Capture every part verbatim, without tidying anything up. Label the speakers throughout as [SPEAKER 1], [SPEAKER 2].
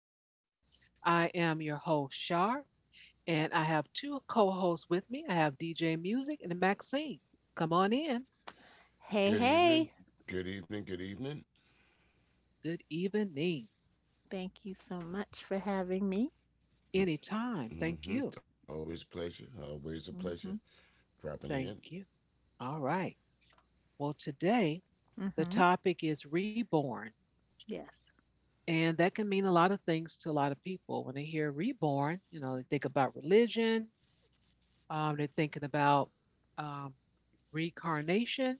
[SPEAKER 1] land. I am your host, Shar, and I have two co hosts with me. I have D J Music and Maxine. Come on in.
[SPEAKER 2] Hey, hey.
[SPEAKER 3] Good evening. Good evening. Good evening.
[SPEAKER 1] Good evening.
[SPEAKER 2] Thank you so much for having me.
[SPEAKER 1] Anytime. Thank
[SPEAKER 3] Mm-hmm.
[SPEAKER 1] you.
[SPEAKER 3] It's always a pleasure. Always a pleasure.
[SPEAKER 2] Mm-hmm.
[SPEAKER 3] Dropping in.
[SPEAKER 1] Thank you. All right. Well, today the
[SPEAKER 2] Mm-hmm.
[SPEAKER 1] topic is reborn,
[SPEAKER 2] Yes.
[SPEAKER 1] and that can mean a lot of things to a lot of people. When they hear reborn, you know, they think about religion, um, they're thinking about um, reincarnation.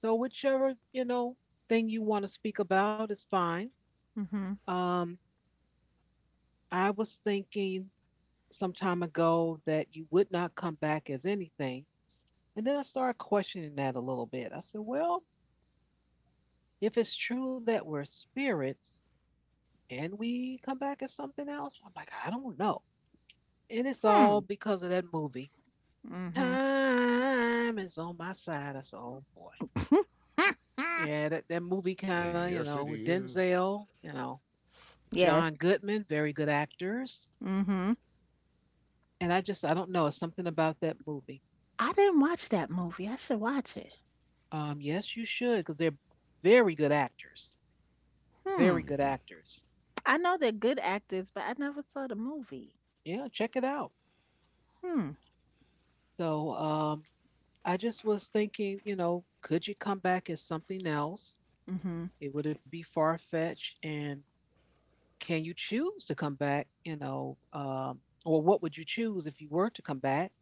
[SPEAKER 1] So whichever, you know, thing you want to speak about is fine.
[SPEAKER 2] Mm-hmm.
[SPEAKER 1] Um, I was thinking some time ago that you would not come back as anything. And then I started questioning that a little bit. I said, well, if it's true that we're spirits and we come back as something else, I'm like, I don't know. And it's
[SPEAKER 2] Hmm.
[SPEAKER 1] all because of that movie.
[SPEAKER 2] Mm-hmm.
[SPEAKER 1] Time is on my side. I said, oh boy. Yeah, that, that movie kind of, you know,
[SPEAKER 3] Yes,
[SPEAKER 1] with
[SPEAKER 3] it is.
[SPEAKER 1] Denzel, you know, John
[SPEAKER 2] Yes.
[SPEAKER 1] Goodman, very good actors.
[SPEAKER 2] Mm-hmm.
[SPEAKER 1] And I just, I don't know. It's something about that movie.
[SPEAKER 2] I didn't watch that movie. I should watch it.
[SPEAKER 1] Um, yes, you should, because they're very good actors. Very
[SPEAKER 2] Hmm.
[SPEAKER 1] good
[SPEAKER 3] Mm-hmm.
[SPEAKER 1] actors.
[SPEAKER 2] I know they're good actors, but I never saw the movie.
[SPEAKER 1] Yeah, check it out.
[SPEAKER 2] Hmm.
[SPEAKER 1] So um, I just was thinking, you know, could you come back as something else?
[SPEAKER 2] Mm-hmm.
[SPEAKER 1] It would it be far fetched? And can you choose to come back? You know, um, or what would you choose if you were to come back?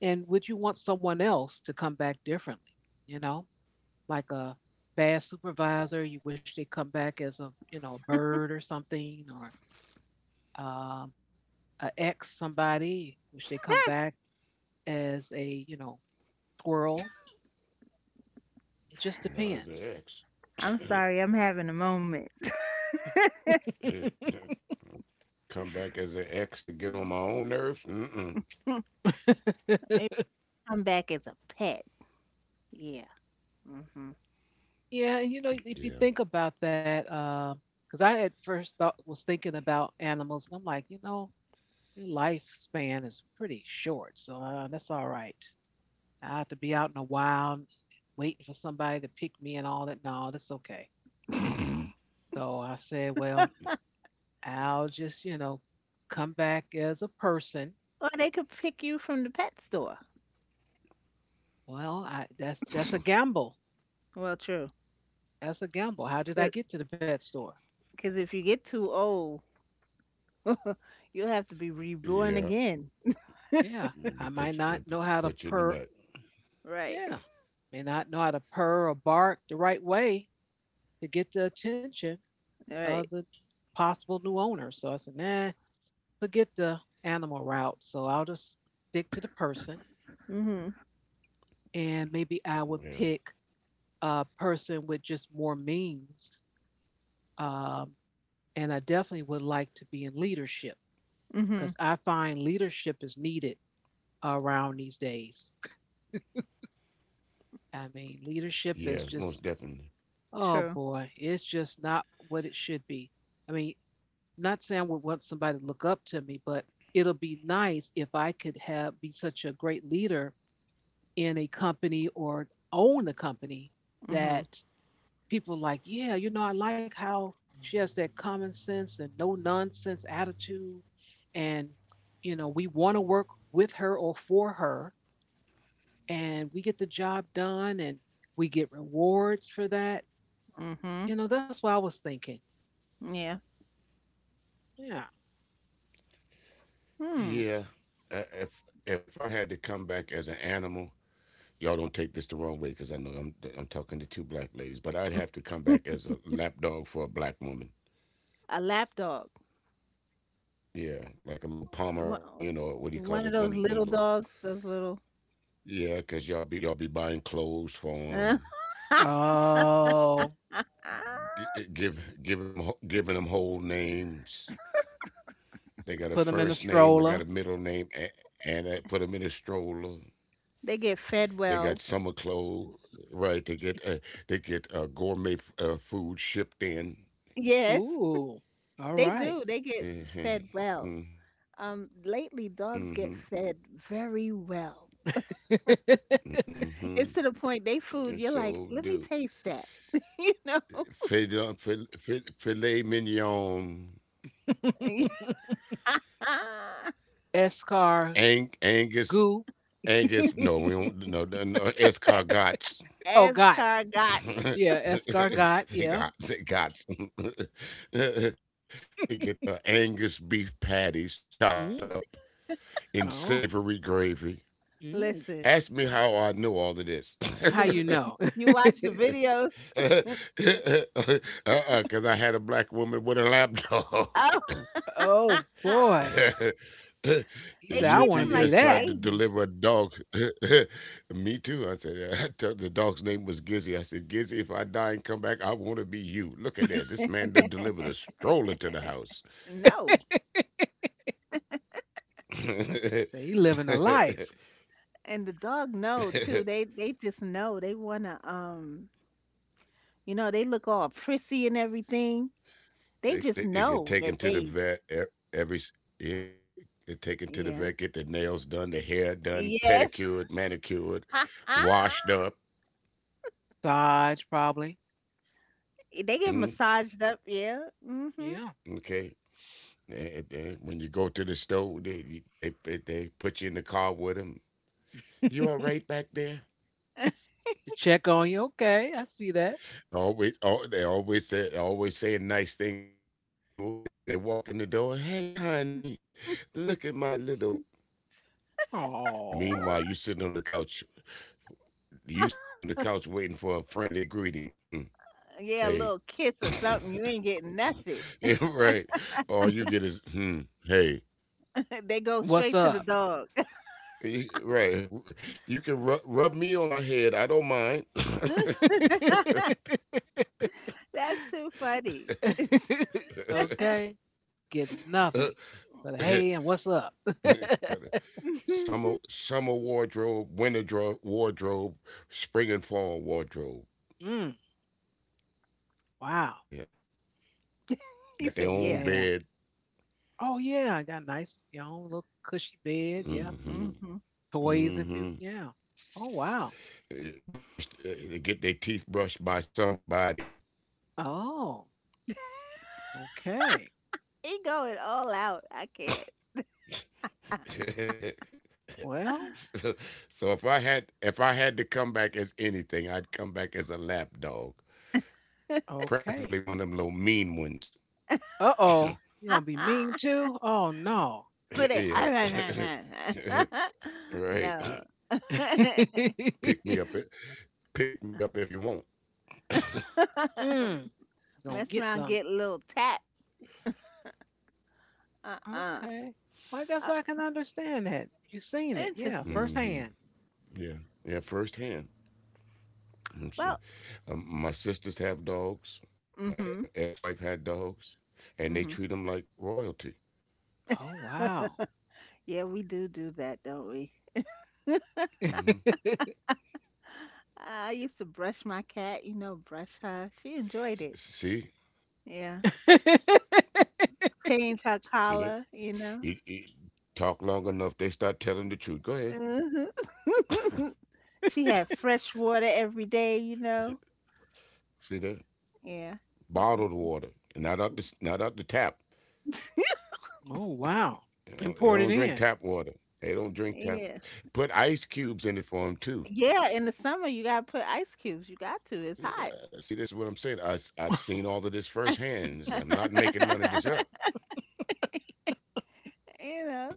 [SPEAKER 1] And would you want someone else to come back differently? You know, like a bad supervisor you wish they come back as a, you know, a bird or something, or um, a ex somebody, wish they come
[SPEAKER 2] Hmm.
[SPEAKER 1] back as a, you know, squirrel. It just
[SPEAKER 3] Not
[SPEAKER 1] depends.
[SPEAKER 3] as an ex.
[SPEAKER 2] I'm sorry. I'm having a moment.
[SPEAKER 3] Come back as an ex to get on my own nerves. Mm-mm.
[SPEAKER 2] Maybe come back as a pet. Yeah. Mm-hmm.
[SPEAKER 1] Yeah, you know, if you think
[SPEAKER 3] Yeah.
[SPEAKER 1] about that, because I at first thought was thinking about animals, and I'm like, you know, their lifespan is pretty short, so uh, that's all right. I have to be out in the wild waiting for somebody to pick me and all that. No, that's okay. So I said, well, I'll just, you know, come back as a person.
[SPEAKER 2] Or they could pick you from the pet store.
[SPEAKER 1] Well, I, that's that's a gamble.
[SPEAKER 2] Well, true.
[SPEAKER 1] That's a gamble. How did I get to the pet store?
[SPEAKER 2] Because if you get too old, you'll have to be reborn
[SPEAKER 3] Yeah.
[SPEAKER 2] again.
[SPEAKER 1] Yeah, I
[SPEAKER 3] Let me
[SPEAKER 1] might
[SPEAKER 3] put you,
[SPEAKER 1] not know
[SPEAKER 3] let-
[SPEAKER 1] how to
[SPEAKER 3] put you in
[SPEAKER 1] purr.
[SPEAKER 3] the back.
[SPEAKER 2] Right.
[SPEAKER 1] Yeah, may not know how to purr or bark the right way to get the attention of
[SPEAKER 2] Right.
[SPEAKER 1] the possible new owner. So I said, nah, forget the animal route. So I'll just stick to the person,
[SPEAKER 2] Mhm.
[SPEAKER 1] and maybe I would
[SPEAKER 3] Yeah.
[SPEAKER 1] pick a person with just more means. um, and I definitely would like to be in leadership, because
[SPEAKER 2] Mhm.
[SPEAKER 1] I find leadership is needed around these days. I mean, leadership
[SPEAKER 3] Yeah.
[SPEAKER 1] is
[SPEAKER 3] Most
[SPEAKER 1] just,
[SPEAKER 3] definitely.
[SPEAKER 1] oh
[SPEAKER 2] True.
[SPEAKER 1] boy, it's just not what it should be. I mean, not saying I would want somebody to look up to me, but it'll be nice if I could have be such a great leader in a company or own a company
[SPEAKER 2] Mhm.
[SPEAKER 1] that people like, yeah, you know, I like how she has that common sense and no nonsense attitude. And, you know, we want to work with her or for her, and we get the job done and we get rewards for that.
[SPEAKER 2] Mhm.
[SPEAKER 1] You know, that's what I was thinking.
[SPEAKER 2] Yeah.
[SPEAKER 1] Yeah.
[SPEAKER 2] Hmm.
[SPEAKER 3] Yeah. I- If if I had to come back as an animal, y'all don't take this the wrong way because I know I'm I'm talking to two black ladies, but I'd have to come back as a lapdog for a black woman.
[SPEAKER 2] A lap dog.
[SPEAKER 3] Yeah, like a little
[SPEAKER 2] One
[SPEAKER 3] Pomeranian or what do you call
[SPEAKER 2] one of
[SPEAKER 3] it? One
[SPEAKER 2] those
[SPEAKER 3] of them
[SPEAKER 2] little
[SPEAKER 3] little.
[SPEAKER 2] dogs. Those little.
[SPEAKER 3] Yeah, cause y'all be y'all be buying clothes for them,
[SPEAKER 1] Oh,
[SPEAKER 3] gi- gi- give giving them ho- giving them whole names. They got a
[SPEAKER 1] put them in a
[SPEAKER 3] first name, I
[SPEAKER 1] stroller.
[SPEAKER 3] got a middle name, and, and I put them in a stroller.
[SPEAKER 2] They get fed
[SPEAKER 3] They got
[SPEAKER 2] well.
[SPEAKER 3] summer clothes, right? They get uh, they get uh, gourmet f- uh, food shipped in.
[SPEAKER 2] Yes,
[SPEAKER 1] Ooh, all
[SPEAKER 2] they
[SPEAKER 1] right.
[SPEAKER 2] do. They get fed well.
[SPEAKER 3] Hmm. Hmm.
[SPEAKER 2] Um, lately dogs
[SPEAKER 3] Mm-hmm.
[SPEAKER 2] get fed very well.
[SPEAKER 3] Mm-hmm.
[SPEAKER 2] It's to the point they
[SPEAKER 3] It
[SPEAKER 2] food, you're like,
[SPEAKER 3] sure
[SPEAKER 2] let me
[SPEAKER 3] do.
[SPEAKER 2] taste that. You know?
[SPEAKER 3] Filet, filet, filet mignon,
[SPEAKER 1] Escar
[SPEAKER 3] ang, Angus, Angus. No, we don't. No, no, no escargots.
[SPEAKER 1] Oh, God.
[SPEAKER 2] Escargots.
[SPEAKER 1] Yeah, Escargot. Yeah.
[SPEAKER 3] they got, they got. Some. They get the Angus beef patties chopped
[SPEAKER 1] Mm.
[SPEAKER 3] up in
[SPEAKER 1] Oh,
[SPEAKER 3] savory gravy.
[SPEAKER 1] mm.
[SPEAKER 2] Listen,
[SPEAKER 3] Ask me how I know all of this.
[SPEAKER 1] How
[SPEAKER 2] the
[SPEAKER 1] you
[SPEAKER 2] vi-
[SPEAKER 1] know?
[SPEAKER 2] you watch the videos.
[SPEAKER 3] Uh-uh, because I had a black woman with a lapdog.
[SPEAKER 2] Oh,
[SPEAKER 1] Oh boy. He
[SPEAKER 2] they
[SPEAKER 1] said, I
[SPEAKER 2] treat
[SPEAKER 1] want to
[SPEAKER 2] them
[SPEAKER 1] be
[SPEAKER 2] like
[SPEAKER 3] U P S
[SPEAKER 2] the
[SPEAKER 3] tried
[SPEAKER 1] that.
[SPEAKER 3] to
[SPEAKER 2] baby.
[SPEAKER 3] deliver a dog. Me too. I said, uh, I told the dog's name was Gizzy. I said, Gizzy, if I die and come back, I want to be you. Look at that. This man done delivered a stroller to the house.
[SPEAKER 2] No,
[SPEAKER 1] Say he living a
[SPEAKER 3] they,
[SPEAKER 1] life.
[SPEAKER 2] and the dog know too. They they just know they wanna um, you know, they look all prissy and everything. They just
[SPEAKER 3] they, they
[SPEAKER 2] know
[SPEAKER 3] get
[SPEAKER 2] that
[SPEAKER 3] taken
[SPEAKER 2] they,
[SPEAKER 3] to the vet e- every, s- yeah. Get taken to the
[SPEAKER 2] yeah,
[SPEAKER 3] vet, get their nails done, their hair done,
[SPEAKER 2] yes.
[SPEAKER 3] pedicured, manicured, washed up.
[SPEAKER 1] Sarge probably.
[SPEAKER 2] Eh, they get
[SPEAKER 3] Mm,
[SPEAKER 2] massaged up, yeah. Hmm.
[SPEAKER 1] Yeah.
[SPEAKER 3] okay. Eh, eh, when you go to the store, they they they put you in the car with them.
[SPEAKER 1] To
[SPEAKER 3] You all right back there?
[SPEAKER 1] check on you. Okay, I see that.
[SPEAKER 3] Always, oh, they always say, always saying nice things to them. Then when they walk in the door, hey honey, look at my little. Meanwhile, you sitting
[SPEAKER 1] Oh.
[SPEAKER 3] on the couch, you sitting on the couch waiting for a friendly greeting. Hmm.
[SPEAKER 2] Yeah, a
[SPEAKER 3] Hey.
[SPEAKER 2] little kiss or something. You ain't getting nothing.
[SPEAKER 3] Yeah, right. All you get is hmm. Hey.
[SPEAKER 2] They go
[SPEAKER 1] What's
[SPEAKER 2] straight to the
[SPEAKER 1] up?
[SPEAKER 2] dog.
[SPEAKER 3] Y- Right. You can rub, rub me on my head. I don't mind.
[SPEAKER 2] That's too funny.
[SPEAKER 1] Okay. Get nothing. But hey, and what's up?
[SPEAKER 3] Got it. Summer summer wardrobe, winter dro- wardrobe, spring and fall wardrobe.
[SPEAKER 1] Mm, wow.
[SPEAKER 3] Yeah,
[SPEAKER 2] He
[SPEAKER 3] got their
[SPEAKER 2] said,
[SPEAKER 3] own
[SPEAKER 2] "Yeah."
[SPEAKER 1] Yeah.
[SPEAKER 3] bed.
[SPEAKER 1] Oh yeah, I got a nice, you know, little cushy bed. Yeah.
[SPEAKER 3] Mm-hmm.
[SPEAKER 2] Hmm.
[SPEAKER 1] Toys if you,
[SPEAKER 3] Mm-hmm.
[SPEAKER 1] yeah. Oh wow.
[SPEAKER 3] Eh, Brush, eh, they get their teeth brushed by somebody.
[SPEAKER 1] Oh, okay.
[SPEAKER 2] He going all out. I can't.
[SPEAKER 1] Well,
[SPEAKER 3] so, so if I had if I had to come back as anything, I'd come back as a lap dog, preferably
[SPEAKER 1] okay.
[SPEAKER 3] one of them little mean ones.
[SPEAKER 1] Uh oh. You're gonna be mean too? Oh no.
[SPEAKER 2] But they
[SPEAKER 3] yeah,
[SPEAKER 2] no.
[SPEAKER 3] right.
[SPEAKER 1] Mm,
[SPEAKER 3] Pick me up, i- Pick me up if you want.
[SPEAKER 1] gonna
[SPEAKER 2] Mess
[SPEAKER 1] get
[SPEAKER 2] around,
[SPEAKER 1] some.
[SPEAKER 2] get a little tap. Uh-uh.
[SPEAKER 1] Okay. Well, I guess
[SPEAKER 2] Uh,
[SPEAKER 1] I can understand that. You've seen it, yeah,
[SPEAKER 2] interesting.
[SPEAKER 1] firsthand.
[SPEAKER 3] Mhm. Yeah, yeah, firsthand.
[SPEAKER 2] Well,
[SPEAKER 3] Interesting. Um, my sisters have dogs. My e- uh,
[SPEAKER 2] mm-hmm.
[SPEAKER 3] ex-wife had dogs, and they
[SPEAKER 2] Mm-hmm.
[SPEAKER 3] treat them like royalty.
[SPEAKER 1] Oh wow.
[SPEAKER 2] Yeah, we do do that, don't we?
[SPEAKER 3] Hmm.
[SPEAKER 2] I used to brush my cat, you know, brush her. She enjoyed it.
[SPEAKER 3] See,
[SPEAKER 2] Yeah. Change her
[SPEAKER 3] see that?
[SPEAKER 2] collar, you know.
[SPEAKER 3] It, it, Talk long enough, they start telling the truth. Go ahead.
[SPEAKER 2] Mhm. She had fresh water every day, you know.
[SPEAKER 3] See that?
[SPEAKER 2] Yeah.
[SPEAKER 3] Bottled water, not out the s- not out the tap.
[SPEAKER 1] oh wow.
[SPEAKER 3] You know, they
[SPEAKER 1] Imported
[SPEAKER 3] don't drink
[SPEAKER 1] in.
[SPEAKER 3] tap water. They don't drink tap.
[SPEAKER 2] Yeah.
[SPEAKER 3] Put ice cubes in it for them too.
[SPEAKER 2] Yeah, in the summer you gotta put ice cubes. You got to. It's hot.
[SPEAKER 3] Yeah, see, this is what I'm saying. I have seen all of this firsthand. I'm not making none of this up.
[SPEAKER 2] You know,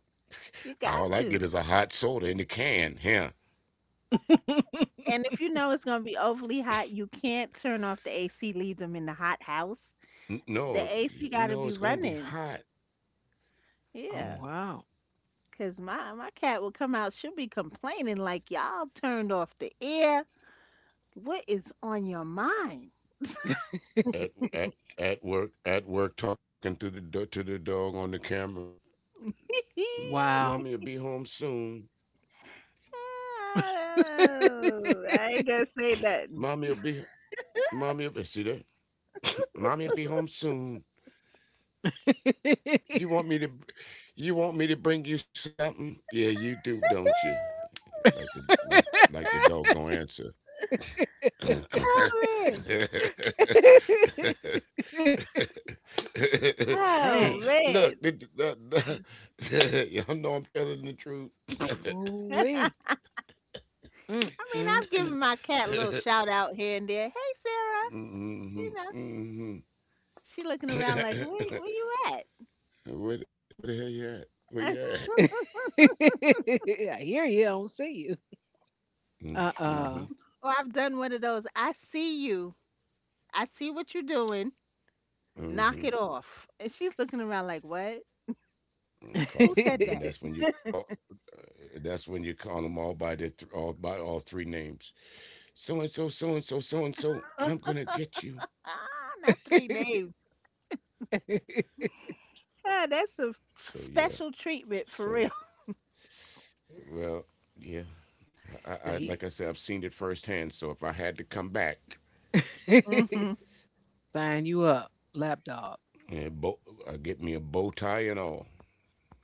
[SPEAKER 2] you got
[SPEAKER 3] All I get
[SPEAKER 2] to.
[SPEAKER 3] is a hot soda in the can. Here,
[SPEAKER 2] And if you know it's gonna be overly hot, you can't turn off the A C, leave them in the hot house.
[SPEAKER 3] N- no,
[SPEAKER 2] The A C
[SPEAKER 3] no,
[SPEAKER 2] gotta
[SPEAKER 3] it's
[SPEAKER 2] be
[SPEAKER 3] gonna be
[SPEAKER 2] running.
[SPEAKER 3] hot. Mm.
[SPEAKER 2] Yeah.
[SPEAKER 1] Oh wow.
[SPEAKER 2] Cause my my cat will come out. She'll be complaining like y'all turned off the air. What is on your mind?
[SPEAKER 3] At at at work, at work, talking to the do- to the dog on the camera. Mm, Mommy'll be
[SPEAKER 1] Wow.
[SPEAKER 3] home soon.
[SPEAKER 2] Oh, I ain't gonna say nothing.
[SPEAKER 3] Mommy'll be mommy'll be, see that. Mommy'll be home soon. You want me to, you want me to bring you something? Yeah, you do, don't you? Like the like like the dog gonna answer.
[SPEAKER 2] Oh man.
[SPEAKER 1] Dang.
[SPEAKER 2] Oh
[SPEAKER 3] Look,
[SPEAKER 2] man.
[SPEAKER 3] did, the, the, y'all know I'm telling the truth.
[SPEAKER 2] I
[SPEAKER 1] Ooh-wee.
[SPEAKER 2] mean,
[SPEAKER 1] Mm, mm,
[SPEAKER 2] I've
[SPEAKER 1] mm.
[SPEAKER 2] given my cat a little shout out here and there. Hey Sarah, you know,
[SPEAKER 3] mm-hmm, mm-hmm.
[SPEAKER 2] she looking around like, where, where you
[SPEAKER 3] Where, the- where the hell you at? Where you
[SPEAKER 2] at?
[SPEAKER 3] at?
[SPEAKER 1] I hear you. I don't see you. Uh
[SPEAKER 3] Mm-hmm,
[SPEAKER 1] uh.
[SPEAKER 2] Or I've done one of those. I see you. I see what you're doing. Knock it
[SPEAKER 3] mm-hmm.
[SPEAKER 2] off. And she's looking around like, what? Who
[SPEAKER 3] Called,
[SPEAKER 2] said
[SPEAKER 3] and
[SPEAKER 2] that?
[SPEAKER 3] then that's when you call. uh, That's when you call them all by the th- all by all three names. So and so, so and so, so and so.
[SPEAKER 2] Huh?
[SPEAKER 3] I'm gonna get you.
[SPEAKER 2] Ah, not three names. Yeah, that's a f-
[SPEAKER 3] So yeah.
[SPEAKER 2] special treatment for
[SPEAKER 3] So
[SPEAKER 2] real.
[SPEAKER 3] well, yeah. I, I
[SPEAKER 1] So
[SPEAKER 3] like I
[SPEAKER 1] he
[SPEAKER 3] said, I've seen it firsthand. So if I had to come back,
[SPEAKER 2] Hmm.
[SPEAKER 1] sign you up, lapdog.
[SPEAKER 3] yeah, bo- I get me a bow tie and all,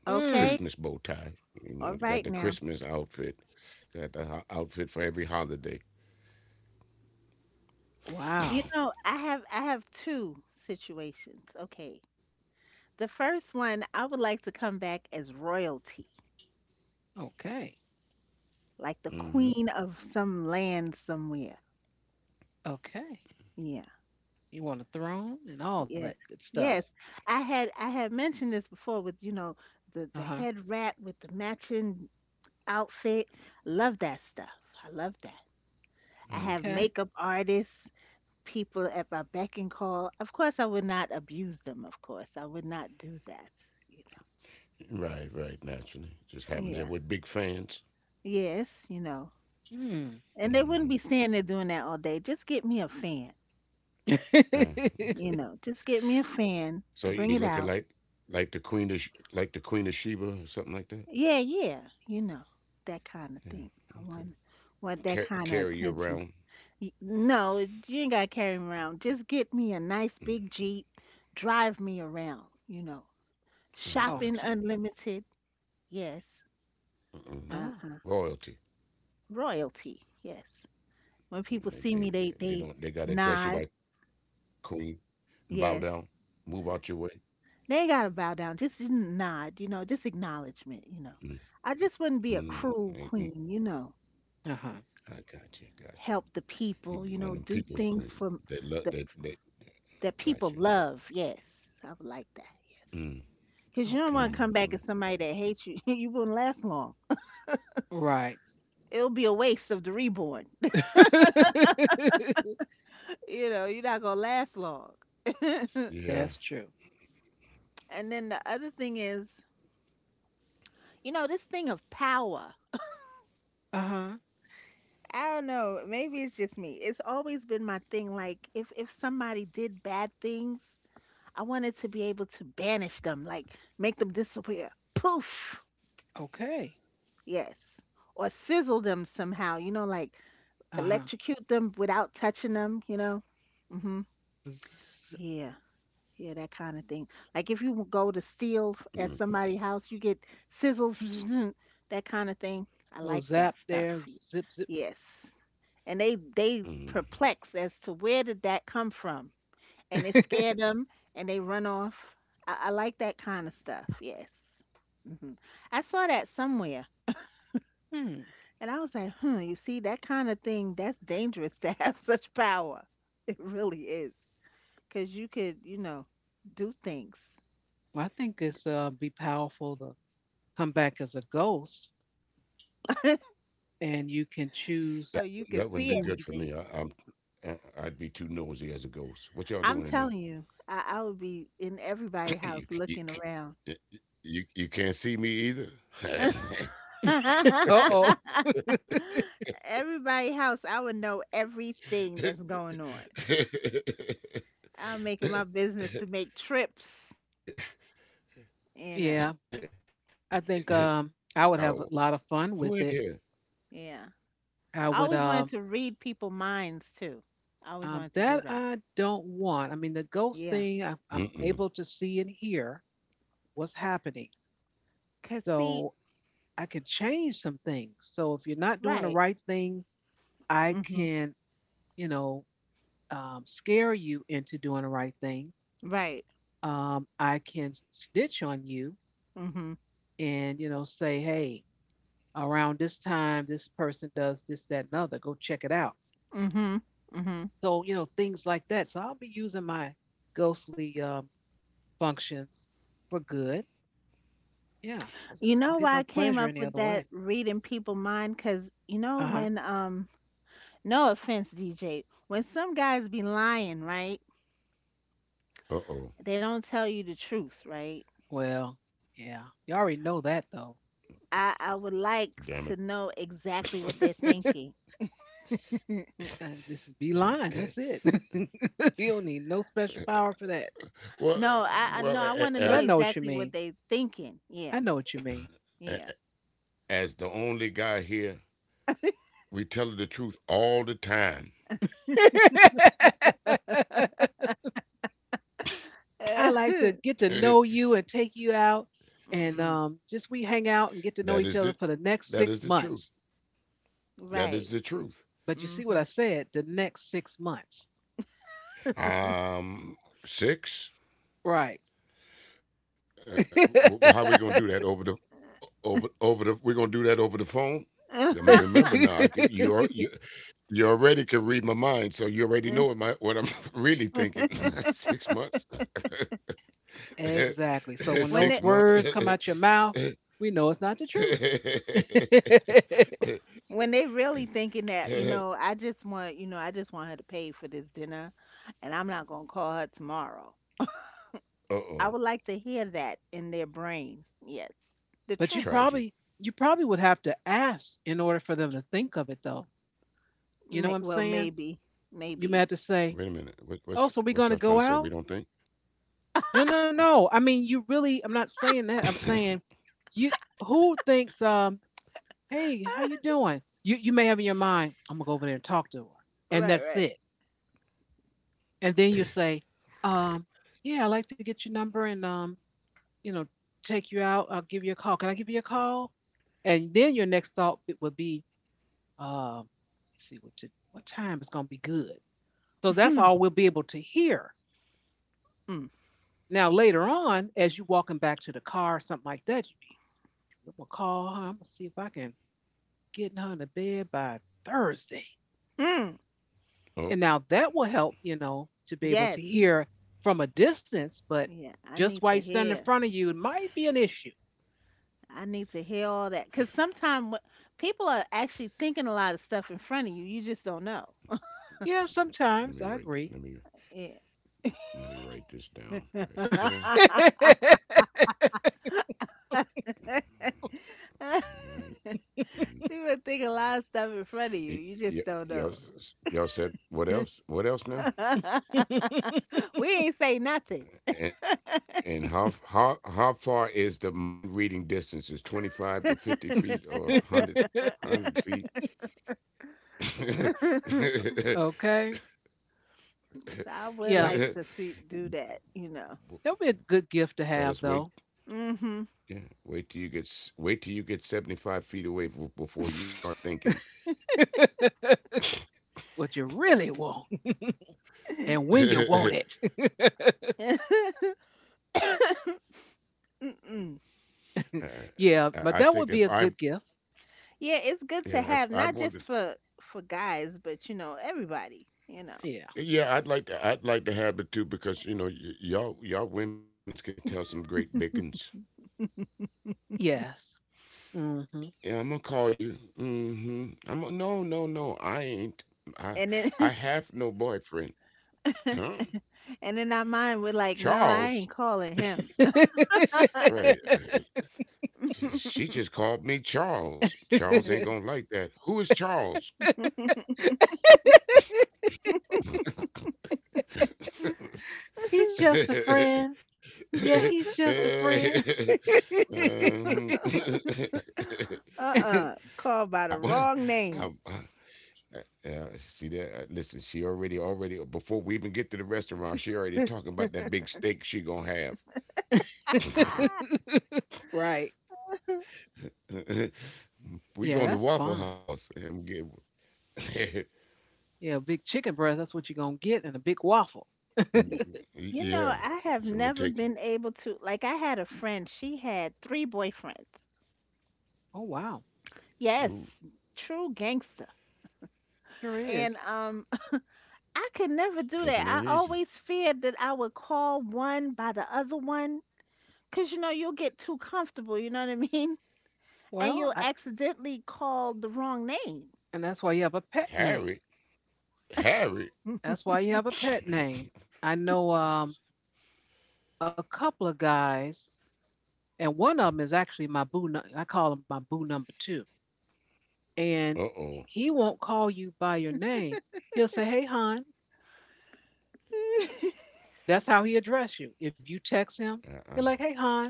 [SPEAKER 2] Okay.
[SPEAKER 1] Mm,
[SPEAKER 3] Christmas bow tie. You
[SPEAKER 2] All
[SPEAKER 3] know, you
[SPEAKER 2] right
[SPEAKER 3] got the
[SPEAKER 2] now.
[SPEAKER 3] Christmas outfit, got the ho- outfit for every holiday.
[SPEAKER 2] You
[SPEAKER 1] wow.
[SPEAKER 2] know, I have I have two situations. Okay. The first one, I would like to come back as royalty,
[SPEAKER 1] Okay.
[SPEAKER 2] like the
[SPEAKER 3] Hmm.
[SPEAKER 2] queen of some land somewhere.
[SPEAKER 1] Okay.
[SPEAKER 2] Yeah.
[SPEAKER 1] You want a throne and all that
[SPEAKER 2] Yes.
[SPEAKER 1] good stuff.
[SPEAKER 2] Yes. I had I had mentioned this before with, you know, the
[SPEAKER 1] Uh
[SPEAKER 2] the
[SPEAKER 1] huh.
[SPEAKER 2] head rat with the matching outfit. Love that stuff. I love that. I
[SPEAKER 3] Mm.
[SPEAKER 2] have
[SPEAKER 1] Okay.
[SPEAKER 2] makeup artists, people at my beck and call. Of course, I would not abuse them, of course. I would not do that. You
[SPEAKER 3] Right, right, naturally. Just
[SPEAKER 2] know.
[SPEAKER 3] happen that
[SPEAKER 2] Yeah.
[SPEAKER 3] we're big fans.
[SPEAKER 2] Yes, you know.
[SPEAKER 1] Mm.
[SPEAKER 2] And they wouldn't be
[SPEAKER 3] Hmm.
[SPEAKER 2] standing there doing that all day. Just get me a fan,
[SPEAKER 3] Yeah,
[SPEAKER 2] you know. Just
[SPEAKER 3] okay.
[SPEAKER 2] get me a fan,
[SPEAKER 3] So you'd be
[SPEAKER 2] bring it
[SPEAKER 3] looking
[SPEAKER 2] out.
[SPEAKER 3] like like the queen of Sh- like the queen of Sheba or something like that.
[SPEAKER 2] Yeah, yeah, you know, that kind of
[SPEAKER 3] Yeah,
[SPEAKER 2] thing. I want
[SPEAKER 3] okay.
[SPEAKER 2] want that
[SPEAKER 3] Car-
[SPEAKER 2] kind of
[SPEAKER 3] carry you
[SPEAKER 2] attention.
[SPEAKER 3] around.
[SPEAKER 2] Y- No, you ain't gotta carry me around. Just get me a nice big
[SPEAKER 3] Mm,
[SPEAKER 2] Jeep, drive me around, you know.
[SPEAKER 3] I
[SPEAKER 2] Shopping
[SPEAKER 1] Okay.
[SPEAKER 3] got you.
[SPEAKER 2] unlimited, yes.
[SPEAKER 3] Uh-uh.
[SPEAKER 1] Oh.
[SPEAKER 2] Uh-huh.
[SPEAKER 3] Royalty.
[SPEAKER 2] Royalty, yes. When
[SPEAKER 3] They,
[SPEAKER 2] people
[SPEAKER 3] they
[SPEAKER 2] see me,
[SPEAKER 3] they
[SPEAKER 2] they
[SPEAKER 3] don't, they
[SPEAKER 2] they
[SPEAKER 3] gotta address you by
[SPEAKER 2] nod,
[SPEAKER 3] queen and bow
[SPEAKER 2] yes.
[SPEAKER 3] down, move out your way.
[SPEAKER 2] They ain't gotta bow down, just n- nod, you know, just acknowledgement, you know.
[SPEAKER 3] Mm,
[SPEAKER 2] I just wouldn't be a
[SPEAKER 3] mm,
[SPEAKER 2] cruel
[SPEAKER 3] mm, mm.
[SPEAKER 2] queen, you know.
[SPEAKER 1] Uh huh.
[SPEAKER 3] I got you, got you.
[SPEAKER 2] Help the
[SPEAKER 3] You be
[SPEAKER 2] people, you
[SPEAKER 3] one of
[SPEAKER 2] know,
[SPEAKER 3] them
[SPEAKER 2] do
[SPEAKER 3] people's
[SPEAKER 2] things
[SPEAKER 3] queen.
[SPEAKER 2] for
[SPEAKER 3] That love
[SPEAKER 2] the
[SPEAKER 3] that that
[SPEAKER 2] that
[SPEAKER 3] got
[SPEAKER 2] people
[SPEAKER 3] you.
[SPEAKER 2] love, yes. I would like that.
[SPEAKER 3] Mm,
[SPEAKER 2] Because you don't want to
[SPEAKER 1] Okay.
[SPEAKER 2] come
[SPEAKER 3] mm-hmm.
[SPEAKER 2] back as somebody that hates you. You wouldn't last long.
[SPEAKER 1] Right.
[SPEAKER 2] It'll be a waste of the reborn. You know, you're not going to last long.
[SPEAKER 1] That's
[SPEAKER 3] Yeah.
[SPEAKER 1] true.
[SPEAKER 2] And then the other thing is, you know, this thing of power.
[SPEAKER 1] Uh huh.
[SPEAKER 2] I don't know. Maybe it's just me. It's always been my thing. Like, if, if somebody did bad things, I wanted to be able to banish them, like make them disappear. Poof.
[SPEAKER 1] Okay.
[SPEAKER 2] Yes. Or sizzle them somehow, you know, like
[SPEAKER 1] Uh huh.
[SPEAKER 2] electrocute them without touching them, you know? Hmm.
[SPEAKER 1] Zzz,
[SPEAKER 2] Yeah. Yeah, that kind of thing. Like if you go to steal f-
[SPEAKER 3] Mm,
[SPEAKER 2] at somebody's house, you get sizzle, that kind of thing. I
[SPEAKER 1] little
[SPEAKER 2] like that
[SPEAKER 1] zap
[SPEAKER 2] stuff.
[SPEAKER 1] there, zip, zip.
[SPEAKER 2] Yes. And they
[SPEAKER 3] mm.
[SPEAKER 2] they perplexed as to where did that come from, and it scared them, and they run off. I, I like that kind of stuff. Yes. Hmm. I saw that somewhere,
[SPEAKER 1] Hmm.
[SPEAKER 2] and I was like, hmm. You see that kind of thing? That's dangerous to have such power. It really is, because you could, you know, do things.
[SPEAKER 1] Well, I think it's uh, be powerful to come back as a ghost, and you can
[SPEAKER 3] That
[SPEAKER 1] choose
[SPEAKER 2] So
[SPEAKER 3] that
[SPEAKER 2] you
[SPEAKER 3] wouldn't
[SPEAKER 2] could
[SPEAKER 3] be
[SPEAKER 2] see
[SPEAKER 3] good
[SPEAKER 1] who
[SPEAKER 3] for
[SPEAKER 1] you.
[SPEAKER 3] me. I,
[SPEAKER 2] everything.
[SPEAKER 3] I'm I- I'd be too nosy as a ghost. What y'all
[SPEAKER 2] I'm
[SPEAKER 3] doing in
[SPEAKER 2] telling you, I, I would be in
[SPEAKER 3] there?
[SPEAKER 2] everybody's
[SPEAKER 3] you,
[SPEAKER 2] house
[SPEAKER 3] you
[SPEAKER 2] looking around.
[SPEAKER 3] you you you can't see me either.
[SPEAKER 1] Uh oh.
[SPEAKER 2] Everybody house, I would know everything that's going on. I'll make it my business to make trips, you
[SPEAKER 1] Yeah,
[SPEAKER 2] know.
[SPEAKER 3] Getting
[SPEAKER 1] I think
[SPEAKER 3] getting out
[SPEAKER 1] um,
[SPEAKER 3] the
[SPEAKER 1] I would
[SPEAKER 3] shower.
[SPEAKER 1] have a lot of
[SPEAKER 3] Who
[SPEAKER 1] fun with
[SPEAKER 3] in
[SPEAKER 1] it.
[SPEAKER 2] Yeah.
[SPEAKER 1] I
[SPEAKER 2] I
[SPEAKER 1] would.
[SPEAKER 2] always wanted
[SPEAKER 1] Um,
[SPEAKER 2] to read people minds too. I always
[SPEAKER 1] um,
[SPEAKER 2] wanted to
[SPEAKER 1] that
[SPEAKER 2] do that.
[SPEAKER 1] I don't want. I mean, the ghost
[SPEAKER 2] Yeah.
[SPEAKER 1] thing, I,
[SPEAKER 3] here?
[SPEAKER 1] I'm able to see and hear what's happening,
[SPEAKER 2] Cause see,
[SPEAKER 1] so I can change some things. So if you're not doing the
[SPEAKER 2] right.
[SPEAKER 1] right thing, I
[SPEAKER 2] Mhm.
[SPEAKER 1] can, you know, um, scare you into doing the right thing.
[SPEAKER 2] Right.
[SPEAKER 1] Um, I can stitch on you
[SPEAKER 2] Mhm.
[SPEAKER 1] and, you know, say, hey, around this time, this person does this, that, and other. Go check it out.
[SPEAKER 2] Mhm. Mhm.
[SPEAKER 1] So, you know, things like that. So I'll be using my ghostly um, functions for good. Yeah. 'cause
[SPEAKER 2] You
[SPEAKER 1] I don't
[SPEAKER 2] know
[SPEAKER 1] get
[SPEAKER 2] why
[SPEAKER 1] no
[SPEAKER 2] I came
[SPEAKER 1] pleasure
[SPEAKER 2] up
[SPEAKER 1] any
[SPEAKER 2] with
[SPEAKER 1] other
[SPEAKER 2] that
[SPEAKER 1] way.
[SPEAKER 2] reading people mind? Cause you know
[SPEAKER 1] Uh huh.
[SPEAKER 2] when um no offense, D J, when some guys be lying, right?
[SPEAKER 3] Uh oh,
[SPEAKER 2] They don't tell you the truth, right?
[SPEAKER 1] Well, yeah. You already know that, though.
[SPEAKER 2] I, I would like
[SPEAKER 3] damn it.
[SPEAKER 2] to know exactly what they're thinking.
[SPEAKER 1] And this be lying. That's it. You don't need no special power for that.
[SPEAKER 3] Well,
[SPEAKER 2] No,
[SPEAKER 3] uh,
[SPEAKER 2] I, I no,
[SPEAKER 3] well,
[SPEAKER 2] I
[SPEAKER 3] a-
[SPEAKER 2] want to
[SPEAKER 1] But I
[SPEAKER 2] know
[SPEAKER 3] a-
[SPEAKER 1] know what you
[SPEAKER 2] exactly
[SPEAKER 1] mean.
[SPEAKER 2] what they thinking.
[SPEAKER 1] I
[SPEAKER 2] Yeah,
[SPEAKER 1] know
[SPEAKER 3] a-
[SPEAKER 1] what you mean.
[SPEAKER 3] a-
[SPEAKER 2] yeah.
[SPEAKER 3] as the only guy here, we tell the truth all the time.
[SPEAKER 1] I like to get to
[SPEAKER 3] that
[SPEAKER 1] know you and take you out and
[SPEAKER 2] Mm-mm.
[SPEAKER 1] um, just we hang out and get to know each
[SPEAKER 3] is
[SPEAKER 1] other
[SPEAKER 3] the,
[SPEAKER 1] for the next
[SPEAKER 3] that is
[SPEAKER 1] six
[SPEAKER 3] the truth.
[SPEAKER 1] months.
[SPEAKER 3] That is
[SPEAKER 2] Right.
[SPEAKER 3] the truth.
[SPEAKER 1] But you see what
[SPEAKER 2] Mm-hmm.
[SPEAKER 1] I said? The next six months.
[SPEAKER 3] Um, Six.
[SPEAKER 1] Right.
[SPEAKER 3] Uh, uh, wh- how we gonna do that over the over over the? We're gonna do that over the phone. Um, Remember now, I can, you, al- you you already can read my mind, so you already know what my what I'm really thinking. Six months,
[SPEAKER 1] Exactly. So when
[SPEAKER 2] when
[SPEAKER 1] those
[SPEAKER 2] they
[SPEAKER 3] six
[SPEAKER 1] words
[SPEAKER 3] months.
[SPEAKER 1] come out your mouth, we know it's not the truth.
[SPEAKER 3] uh
[SPEAKER 2] when they really thinking that, you know, I just want, you know, I just want her to pay for this dinner and I'm not going to call her tomorrow. I would like to
[SPEAKER 3] oh,
[SPEAKER 2] hear that in their brain. Yes. The
[SPEAKER 1] But you
[SPEAKER 2] truth.
[SPEAKER 1] probably
[SPEAKER 3] tragic.
[SPEAKER 1] you probably would have to ask in order for them to think of it though. You know what
[SPEAKER 2] May,
[SPEAKER 1] I'm
[SPEAKER 2] well,
[SPEAKER 1] saying?
[SPEAKER 2] maybe.
[SPEAKER 1] You may
[SPEAKER 2] Maybe.
[SPEAKER 1] have to say,
[SPEAKER 3] Wait a minute.
[SPEAKER 1] oh,
[SPEAKER 3] What
[SPEAKER 1] so we
[SPEAKER 3] what's
[SPEAKER 1] gonna go
[SPEAKER 3] what y'all
[SPEAKER 1] out?
[SPEAKER 3] trying to say? We don't think.
[SPEAKER 1] No, no, no. I mean, you really. I'm not saying that. I'm saying you. Who thinks? Um, hey, how you doing? You you may have in your mind, I'm gonna go over there and talk to her, and
[SPEAKER 2] Right,
[SPEAKER 1] that's
[SPEAKER 2] right.
[SPEAKER 1] it. And then you say, um, yeah, I'd like to get your number and um, you know, take you out. I'll give you a call. Can I give you a call? And then your next thought it would be, um, let's see what t- what time is gonna be good. So that's all we'll be able to hear.
[SPEAKER 2] Mm.
[SPEAKER 1] Now later on, as you walking back to the car or something like that, you be, I'm gonna call her. I'm gonna see if I can get her into bed by Thursday.
[SPEAKER 2] Mm.
[SPEAKER 1] And
[SPEAKER 3] Oh,
[SPEAKER 1] now that will help, you know, to be able to
[SPEAKER 2] Yes.
[SPEAKER 1] hear from a distance, but
[SPEAKER 2] Yeah, I
[SPEAKER 1] just
[SPEAKER 2] need
[SPEAKER 1] while he's
[SPEAKER 2] to
[SPEAKER 1] standing in
[SPEAKER 2] hear.
[SPEAKER 1] front of you, it might be an issue.
[SPEAKER 2] I need to hear all that cuz sometimes people are actually thinking a lot of stuff in front of you. You just don't know.
[SPEAKER 1] Yeah,
[SPEAKER 3] let
[SPEAKER 1] sometimes
[SPEAKER 3] me
[SPEAKER 1] I
[SPEAKER 3] write.
[SPEAKER 1] agree.
[SPEAKER 3] Let me
[SPEAKER 2] Yeah.
[SPEAKER 3] let me write this down right here. Alright. And
[SPEAKER 2] People think a
[SPEAKER 3] uh,
[SPEAKER 2] lot of stuff in front of you.
[SPEAKER 3] y-
[SPEAKER 2] You
[SPEAKER 3] y-
[SPEAKER 2] just don't
[SPEAKER 3] y'all
[SPEAKER 2] know.
[SPEAKER 3] s- y'all said what else? What else now?
[SPEAKER 2] We ain't say nothing.
[SPEAKER 3] And and how how how far is the mind reading distance? Is twenty five to fifty feet or one hundred, feet?
[SPEAKER 2] So
[SPEAKER 1] Okay.
[SPEAKER 2] I would
[SPEAKER 1] Yeah,
[SPEAKER 2] like to see do that, you know.
[SPEAKER 1] that'll be a good gift to have
[SPEAKER 3] fellas, wait.
[SPEAKER 1] though.
[SPEAKER 2] Mhm.
[SPEAKER 3] Yeah. Wait till you get s- wait till you get seventy five feet away b- before you start thinking.
[SPEAKER 1] What you really want and when you
[SPEAKER 3] uh,
[SPEAKER 1] want it.
[SPEAKER 2] Mm-mm.
[SPEAKER 3] I
[SPEAKER 1] Yeah, but that
[SPEAKER 3] I
[SPEAKER 1] would be
[SPEAKER 3] think
[SPEAKER 1] a
[SPEAKER 3] if
[SPEAKER 1] good
[SPEAKER 3] I
[SPEAKER 1] gift.
[SPEAKER 2] Yeah, it's good to
[SPEAKER 3] yeah
[SPEAKER 2] have
[SPEAKER 3] if I
[SPEAKER 2] not just
[SPEAKER 3] wanted
[SPEAKER 2] for for guys, but you know everybody, you know.
[SPEAKER 1] Yeah.
[SPEAKER 3] yeah I'd like to I'd like to have it too because you know y- y'all y'all women's can tell some great biggins.
[SPEAKER 1] Yes. Mm-hmm.
[SPEAKER 3] Yeah, I'm gonna call you. Mm-hmm. I'm gonna, no no no I ain't, I
[SPEAKER 2] And then
[SPEAKER 3] I have no boyfriend. Huh?
[SPEAKER 2] and in our mind we're like, no, I
[SPEAKER 3] Charles.
[SPEAKER 2] ain't calling him.
[SPEAKER 3] Right. uh, She just called me Charles. Charles ain't gonna like that. Who is Charles?
[SPEAKER 1] He's just a friend. Yeah, he's just a friend.
[SPEAKER 3] Mhm.
[SPEAKER 2] Uh-uh.
[SPEAKER 3] I
[SPEAKER 2] Called by the
[SPEAKER 3] want.
[SPEAKER 2] wrong
[SPEAKER 3] I,
[SPEAKER 2] name.
[SPEAKER 3] I, uh, See that? Uh, listen, she already, already before we even get to the restaurant, she already talking about that big steak she gonna have.
[SPEAKER 2] Ah,
[SPEAKER 1] Right.
[SPEAKER 3] We going to
[SPEAKER 1] Yeah, that's
[SPEAKER 3] Waffle
[SPEAKER 1] fun.
[SPEAKER 3] House and get.
[SPEAKER 1] Yeah, a big chicken breast. That's what you're gonna get, and a big waffle.
[SPEAKER 2] y- you
[SPEAKER 3] Yeah,
[SPEAKER 2] know, I have
[SPEAKER 3] so I'm gonna
[SPEAKER 2] never
[SPEAKER 3] take you.
[SPEAKER 2] been able to. Like, I had a friend. She had three boyfriends.
[SPEAKER 1] Oh wow,
[SPEAKER 3] Ooh,
[SPEAKER 2] Yes, true gangster.
[SPEAKER 1] sure
[SPEAKER 2] And
[SPEAKER 1] is.
[SPEAKER 2] um, I could never do
[SPEAKER 3] pimping ain't
[SPEAKER 2] that. I
[SPEAKER 3] easy.
[SPEAKER 2] always feared that I would call one by the other one, 'cause you know you'll get too comfortable. You know what I mean? And
[SPEAKER 1] Well,
[SPEAKER 2] you'll
[SPEAKER 1] I,
[SPEAKER 2] accidentally call the wrong name.
[SPEAKER 1] and that's why you have a pet name.
[SPEAKER 3] Harry, Harry.
[SPEAKER 1] That's why you have a pet name. I know um a couple of guys, and one of them is actually my boo. nu- I call him my boo number two,
[SPEAKER 3] Uh
[SPEAKER 1] and
[SPEAKER 3] oh.
[SPEAKER 1] he won't call you by your name. He'll say, "Hey, hon." That's how he address you. If you text him,
[SPEAKER 3] Uh
[SPEAKER 1] he're
[SPEAKER 3] uh.
[SPEAKER 1] like, "Hey, hon."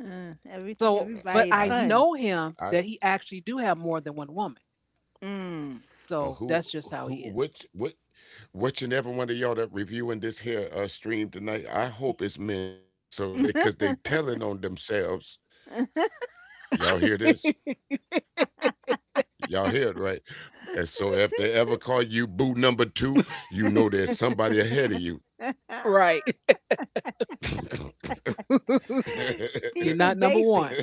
[SPEAKER 2] Uh, every
[SPEAKER 1] So,
[SPEAKER 3] I,
[SPEAKER 1] but
[SPEAKER 3] I,
[SPEAKER 2] everybody's
[SPEAKER 3] I,
[SPEAKER 1] I
[SPEAKER 3] sh-
[SPEAKER 2] fun.
[SPEAKER 1] know
[SPEAKER 3] I
[SPEAKER 1] him that he actually do have more than one woman.
[SPEAKER 2] Mm.
[SPEAKER 3] uh, who
[SPEAKER 1] So that's
[SPEAKER 3] who
[SPEAKER 1] just how he
[SPEAKER 3] which
[SPEAKER 1] is.
[SPEAKER 3] what which and every one of y'all that reviewing this here uh, stream tonight, I hope it's meant so they, because they telling on themselves. Y'all hear this? Y'all hear it right? And so if they ever call you boo number two, you know there's somebody ahead of you.
[SPEAKER 1] Right. You're
[SPEAKER 2] Keep
[SPEAKER 1] not
[SPEAKER 2] it
[SPEAKER 1] number one.
[SPEAKER 2] basic.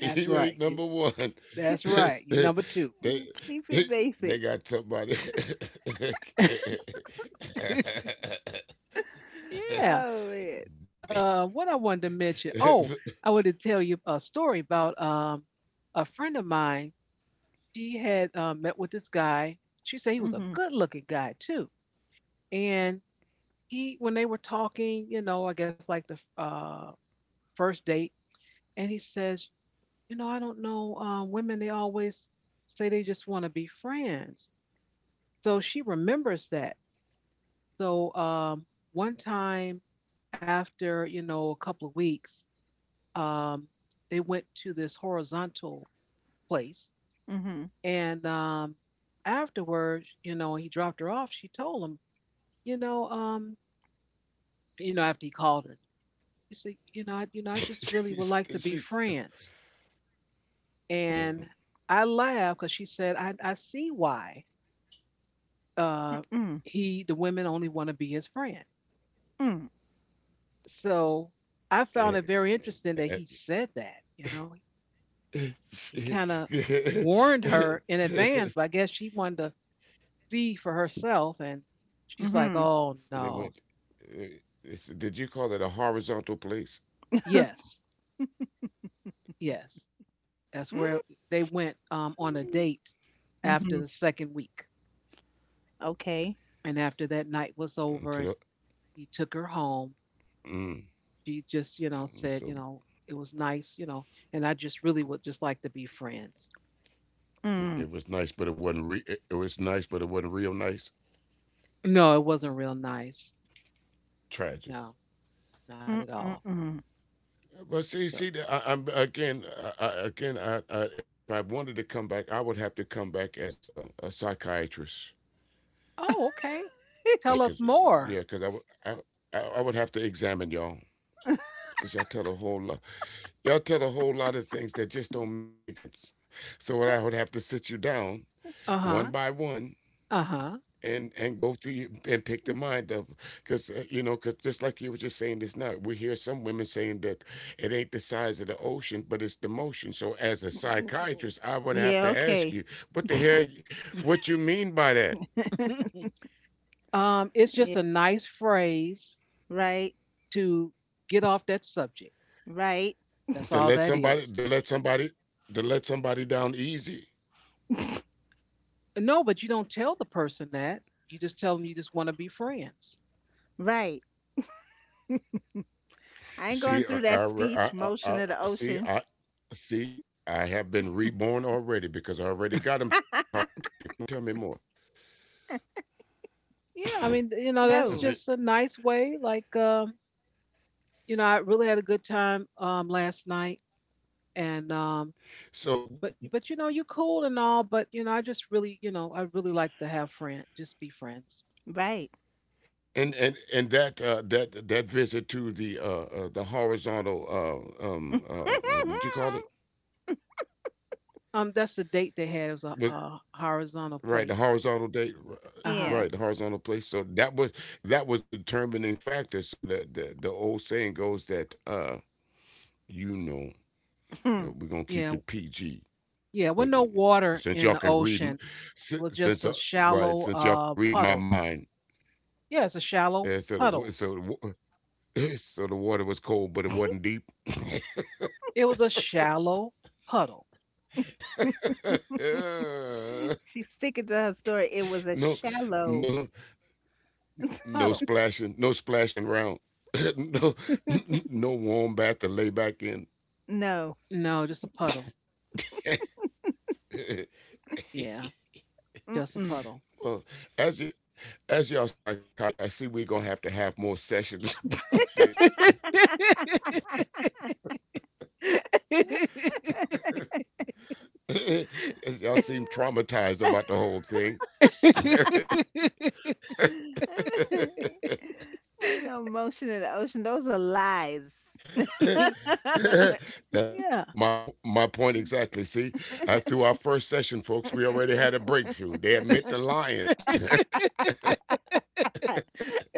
[SPEAKER 1] That's right.
[SPEAKER 3] You
[SPEAKER 1] You,
[SPEAKER 3] ain't number one.
[SPEAKER 1] that's right. You're
[SPEAKER 3] they,
[SPEAKER 1] number two.
[SPEAKER 2] Keep it
[SPEAKER 3] they
[SPEAKER 2] basic.
[SPEAKER 3] they got somebody.
[SPEAKER 1] Yeah.
[SPEAKER 2] Oh man.
[SPEAKER 3] They-
[SPEAKER 1] Uh, what I wanted to mention. Oh, I wanted to tell you a story about um a friend of mine. She had uh, met with this guy. She said he was a
[SPEAKER 2] Mhm.
[SPEAKER 1] good-looking guy too. And he, when they were talking, you know, I guess like the uh first date, and he says, you know, I don't know, uh, women they always say they just want to be friends. So she remembers that. So um, one time after you know a couple of weeks um, they went to this horizontal place.
[SPEAKER 2] Mhm.
[SPEAKER 1] And um, afterwards, you know, he dropped her off. She told him, you know, um, you know, after he called her, she said, you know, I, you know, I just really would like to be
[SPEAKER 3] she's, she's
[SPEAKER 1] friends. And
[SPEAKER 3] Mm,
[SPEAKER 1] I laughed because she said, I, I see why uh,
[SPEAKER 2] Mm.
[SPEAKER 1] he, the women only want to be his friend.
[SPEAKER 2] Mm.
[SPEAKER 1] So I found it
[SPEAKER 3] eh,
[SPEAKER 1] very interesting that he
[SPEAKER 3] eh, eh,
[SPEAKER 1] said that, you know,
[SPEAKER 3] that-
[SPEAKER 1] he kind of warned her in
[SPEAKER 3] so
[SPEAKER 1] advance, but I guess she wanted to see for herself and she's like,
[SPEAKER 2] Mhm.
[SPEAKER 1] oh
[SPEAKER 3] they
[SPEAKER 1] no.
[SPEAKER 3] went. uh, they said, did you call it a horizontal place?
[SPEAKER 1] Yes, yes, that's where they went um, on a
[SPEAKER 2] Mm.
[SPEAKER 1] date after the
[SPEAKER 2] Mhm.
[SPEAKER 1] second week.
[SPEAKER 2] Okay.
[SPEAKER 1] And after that night
[SPEAKER 3] And
[SPEAKER 1] was
[SPEAKER 3] to the,
[SPEAKER 1] over and he took her home,
[SPEAKER 3] mm.
[SPEAKER 1] she just you know
[SPEAKER 3] And
[SPEAKER 1] said,
[SPEAKER 3] so
[SPEAKER 1] you know it was nice, you know and I just really would just like to be friends.
[SPEAKER 3] it it
[SPEAKER 2] Mm.
[SPEAKER 3] was nice, but it wasn't. Re- it it was nice, but it wasn't real nice.
[SPEAKER 1] No, it wasn't real nice.
[SPEAKER 3] Tragic.
[SPEAKER 1] No, not at
[SPEAKER 2] Mm.
[SPEAKER 1] all.
[SPEAKER 2] Mm.
[SPEAKER 3] But see,
[SPEAKER 1] So,
[SPEAKER 3] see, the- I, I'm again, I, I- again. I, I, if I wanted to come back, I would have to come back as a, a psychiatrist,
[SPEAKER 1] oh okay, tell
[SPEAKER 3] because
[SPEAKER 1] us
[SPEAKER 3] yeah,
[SPEAKER 1] more.
[SPEAKER 3] because I would, I, I I would have to examine y'all,
[SPEAKER 2] Mm.
[SPEAKER 3] because y'all tell a whole lot. Y'all tell a whole lot of things that just don't make sense. So what I would have to sit you down one
[SPEAKER 1] Uh-huh.
[SPEAKER 3] by one
[SPEAKER 1] Uh-huh.
[SPEAKER 3] and and go through you and pick the mind of because uh, you know because just like you were just saying this now we hear some women saying that it ain't the size of the ocean but it's the motion so as a psychiatrist I would have
[SPEAKER 2] Yeah.
[SPEAKER 3] to ask
[SPEAKER 2] Okay.
[SPEAKER 3] you what the hell you- what you mean by that
[SPEAKER 1] Um, it's
[SPEAKER 2] Yeah.
[SPEAKER 1] just a nice phrase
[SPEAKER 2] Right.
[SPEAKER 1] to get off that subject.
[SPEAKER 2] Right.
[SPEAKER 1] That's
[SPEAKER 3] to
[SPEAKER 1] all
[SPEAKER 3] let
[SPEAKER 1] that
[SPEAKER 3] somebody
[SPEAKER 1] is.
[SPEAKER 3] to let somebody to let somebody down easy.
[SPEAKER 1] No, but you don't tell the person that. You just tell them you just want to be friends.
[SPEAKER 2] Right. I ain't going through
[SPEAKER 3] See,
[SPEAKER 2] that
[SPEAKER 3] I, I,
[SPEAKER 2] speech
[SPEAKER 3] I, I,
[SPEAKER 2] motion of
[SPEAKER 3] I
[SPEAKER 2] the
[SPEAKER 3] I-
[SPEAKER 2] ocean.
[SPEAKER 3] see, I see. I have been reborn already because I already got him talking to me. Come on, tell me more.
[SPEAKER 1] Yeah, I mean, you know, that's
[SPEAKER 2] No.
[SPEAKER 1] just a nice way. Like, um, you know, I really had a good time um, last night, and um,
[SPEAKER 3] So,
[SPEAKER 1] but but you know, you cool and all, but you know, I just really, you know, I really like to have friend, just be friends.
[SPEAKER 2] Right.
[SPEAKER 3] and and and that uh, that that visit to the uh, uh, the horizontal uh, um uh, uh, what you call it,
[SPEAKER 1] Um, that's the date they had. It was a,
[SPEAKER 3] was
[SPEAKER 1] a horizontal
[SPEAKER 3] right the
[SPEAKER 1] place.
[SPEAKER 3] horizontal date r- uh,
[SPEAKER 1] Uh huh.
[SPEAKER 2] Yeah.
[SPEAKER 3] right the horizontal place. So that was that was the determining factor. So that the the old saying goes that uh you know uh, we're gonna keep
[SPEAKER 1] Yeah,
[SPEAKER 3] it P G.
[SPEAKER 1] yeah.
[SPEAKER 3] But
[SPEAKER 1] Well,
[SPEAKER 3] uh,
[SPEAKER 1] no water
[SPEAKER 3] since
[SPEAKER 1] in
[SPEAKER 3] y'all
[SPEAKER 1] the
[SPEAKER 3] can read, m-
[SPEAKER 1] ocean,
[SPEAKER 3] si-
[SPEAKER 1] was just
[SPEAKER 3] since
[SPEAKER 1] a
[SPEAKER 3] y'all- right,
[SPEAKER 1] shallow
[SPEAKER 3] since y'all
[SPEAKER 1] uh,
[SPEAKER 3] can read my
[SPEAKER 1] puddle.
[SPEAKER 3] mind,
[SPEAKER 1] Yes, a shallow
[SPEAKER 3] yeah, so the, wa-
[SPEAKER 1] puddle.
[SPEAKER 3] so the, wa- so the water was cold, but it wasn't deep.
[SPEAKER 1] It was a shallow puddle.
[SPEAKER 2] She's sticking to her story. It was a
[SPEAKER 3] No,
[SPEAKER 2] shallow
[SPEAKER 3] no, no
[SPEAKER 1] Puddle.
[SPEAKER 3] splashing no splashing around. No, no warm bath to lay back in.
[SPEAKER 2] no.
[SPEAKER 1] No, just a puddle. Yeah, just a
[SPEAKER 2] Mm-mm.
[SPEAKER 1] puddle.
[SPEAKER 3] Well, as you. As y'all psychiatrists, I see we're gonna have to have more sessions about this. Y'all seem traumatized about the whole thing.
[SPEAKER 2] Ain't no motion in the ocean. Those are lies.
[SPEAKER 3] That's
[SPEAKER 1] yeah.
[SPEAKER 3] my my p- my point exactly. See, uh, through our first session, folks, we already had a breakthrough. They admit the lion.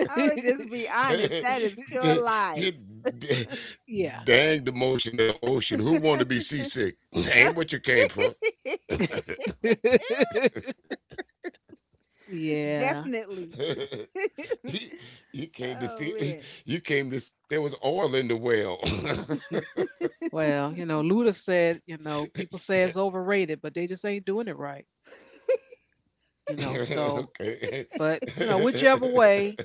[SPEAKER 2] I would just be honest. That is pure
[SPEAKER 3] The-
[SPEAKER 2] lies.
[SPEAKER 3] you- d-
[SPEAKER 1] yeah.
[SPEAKER 3] Dang the motion of the ocean. Who want to be seasick? Ain't what you came for.
[SPEAKER 1] Yeah.
[SPEAKER 2] Definitely.
[SPEAKER 3] you you came to
[SPEAKER 2] Oh
[SPEAKER 3] see.
[SPEAKER 2] man.
[SPEAKER 3] You came to see if there was oil in the well.
[SPEAKER 1] Well, you know, Luda said, you know, people say it's overrated, but they just ain't doing it right, you know. So,
[SPEAKER 3] Okay.
[SPEAKER 1] but, you know, whichever way,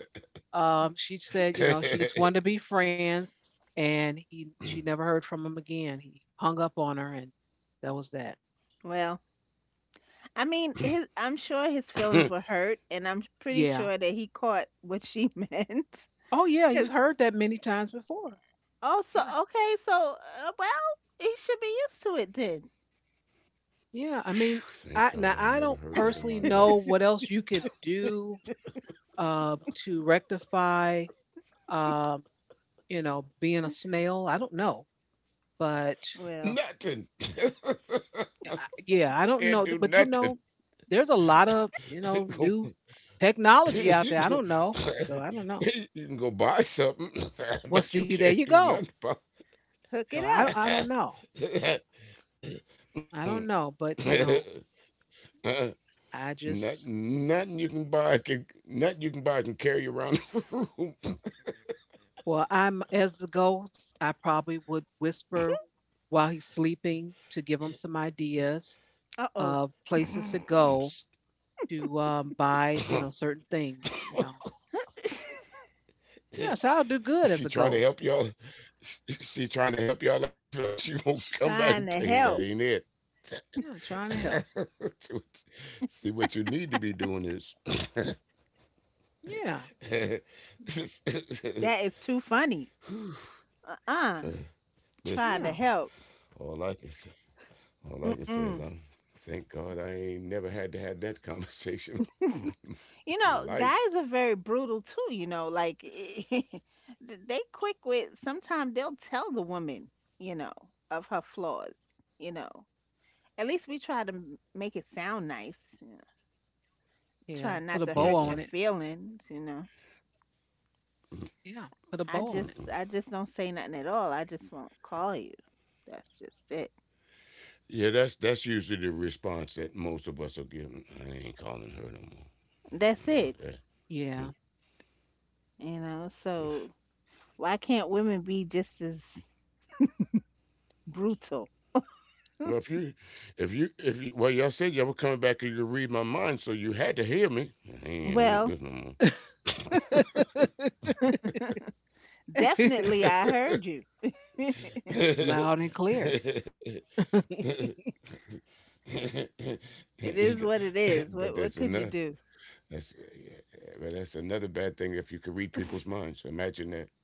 [SPEAKER 1] Um, she said, you know, she just wanted to be friends, and he she never heard from him again. He hung up on her, and that was that.
[SPEAKER 2] Well, I mean, his, I'm sure his feelings were hurt, and I'm pretty
[SPEAKER 1] Yeah.
[SPEAKER 2] sure that he caught what she meant.
[SPEAKER 1] Oh yeah, you've
[SPEAKER 2] Because
[SPEAKER 1] heard that many times before.
[SPEAKER 2] oh, so
[SPEAKER 1] Yeah.
[SPEAKER 2] okay, so uh, well, he should be used to it then.
[SPEAKER 1] Yeah. I mean, I
[SPEAKER 3] Thank
[SPEAKER 1] now
[SPEAKER 3] God I
[SPEAKER 1] I
[SPEAKER 3] ain't
[SPEAKER 1] don't
[SPEAKER 3] never heard that in
[SPEAKER 1] personally
[SPEAKER 3] my
[SPEAKER 1] know
[SPEAKER 3] life.
[SPEAKER 1] what else you could do uh, to rectify, um, you know, being a snail. I don't know, but
[SPEAKER 2] Well,
[SPEAKER 3] Nothing.
[SPEAKER 1] I- yeah, I don't know.
[SPEAKER 3] Can't do
[SPEAKER 1] But you know,
[SPEAKER 3] nothing.
[SPEAKER 1] there's a lot of you know
[SPEAKER 3] Go,
[SPEAKER 1] new technology out there.
[SPEAKER 3] you,
[SPEAKER 1] I
[SPEAKER 3] go,
[SPEAKER 1] don't know, so I don't know.
[SPEAKER 3] you can go buy something,
[SPEAKER 1] Well, see,
[SPEAKER 3] but you
[SPEAKER 1] there you
[SPEAKER 3] can't do
[SPEAKER 1] go.
[SPEAKER 3] nothing about
[SPEAKER 2] hook
[SPEAKER 1] So
[SPEAKER 2] it
[SPEAKER 1] I
[SPEAKER 2] up.
[SPEAKER 1] I don't know. I
[SPEAKER 3] mm-mm.
[SPEAKER 1] don't know, but you know,
[SPEAKER 3] Uh,
[SPEAKER 1] I just
[SPEAKER 3] Nothing,
[SPEAKER 1] you know.
[SPEAKER 3] nothing you can buy can nothing you can buy can carry you around the
[SPEAKER 1] Well, I'm as the ghost, I probably would whisper while he's sleeping to give him some ideas
[SPEAKER 2] Uh oh.
[SPEAKER 1] of places to go to um, buy,
[SPEAKER 3] room.
[SPEAKER 1] you know, certain things, you know. Yeah, so I'll do good as a
[SPEAKER 3] She trying to
[SPEAKER 1] ghost.
[SPEAKER 3] help y'all. She trying to help y'all out, fellas. She gonna come
[SPEAKER 2] Trying
[SPEAKER 3] back and
[SPEAKER 2] to
[SPEAKER 3] tell you
[SPEAKER 2] help.
[SPEAKER 3] that ain't it.
[SPEAKER 1] Yeah, trying to help.
[SPEAKER 3] See what you need to be doing is.
[SPEAKER 1] Yeah.
[SPEAKER 2] That
[SPEAKER 3] Listen,
[SPEAKER 2] is too funny. Uh uh Trying
[SPEAKER 1] Yeah.
[SPEAKER 2] to help.
[SPEAKER 3] all I can say, all I can say is
[SPEAKER 2] Mm-mm.
[SPEAKER 3] I'm thank God I ain't never had to have that conversation.
[SPEAKER 2] You know,
[SPEAKER 3] In
[SPEAKER 2] guys
[SPEAKER 3] life.
[SPEAKER 2] are very brutal too, you know, like they quick with sometimes they'll tell the woman, you know, of her flaws, you know. At least we try to m- make it sound nice, you know, try
[SPEAKER 1] Yeah,
[SPEAKER 2] not
[SPEAKER 1] put a
[SPEAKER 2] to
[SPEAKER 1] bow
[SPEAKER 3] Mm-mm,
[SPEAKER 2] hurt your
[SPEAKER 1] on it.
[SPEAKER 2] feelings, you know.
[SPEAKER 1] Yeah, put a
[SPEAKER 2] I
[SPEAKER 1] bow on it.
[SPEAKER 2] just I just
[SPEAKER 3] mm-mm.
[SPEAKER 2] don't say nothing at all. I just won't call you. That's just it.
[SPEAKER 3] Yeah, that's that's usually the response that most of us will give. I ain't calling her no more. You
[SPEAKER 2] That's
[SPEAKER 3] know,
[SPEAKER 2] it.
[SPEAKER 3] that-
[SPEAKER 1] Yeah.
[SPEAKER 2] You know,
[SPEAKER 3] mm.
[SPEAKER 2] so why can't women be just as brutal?
[SPEAKER 3] Well, if you, if you, if you, eh, well, y'all said y'all were coming back and you could read my mind, so you had to hear me. I ain't I
[SPEAKER 2] Well,
[SPEAKER 3] don't want
[SPEAKER 2] definitely I heard you.
[SPEAKER 3] this
[SPEAKER 1] Loud and clear.
[SPEAKER 3] no more. But
[SPEAKER 2] It is what it is. What
[SPEAKER 3] that's
[SPEAKER 2] what could
[SPEAKER 3] another
[SPEAKER 2] you do?
[SPEAKER 3] that's yeah, but that's another bad thing if you could read people's minds. Imagine that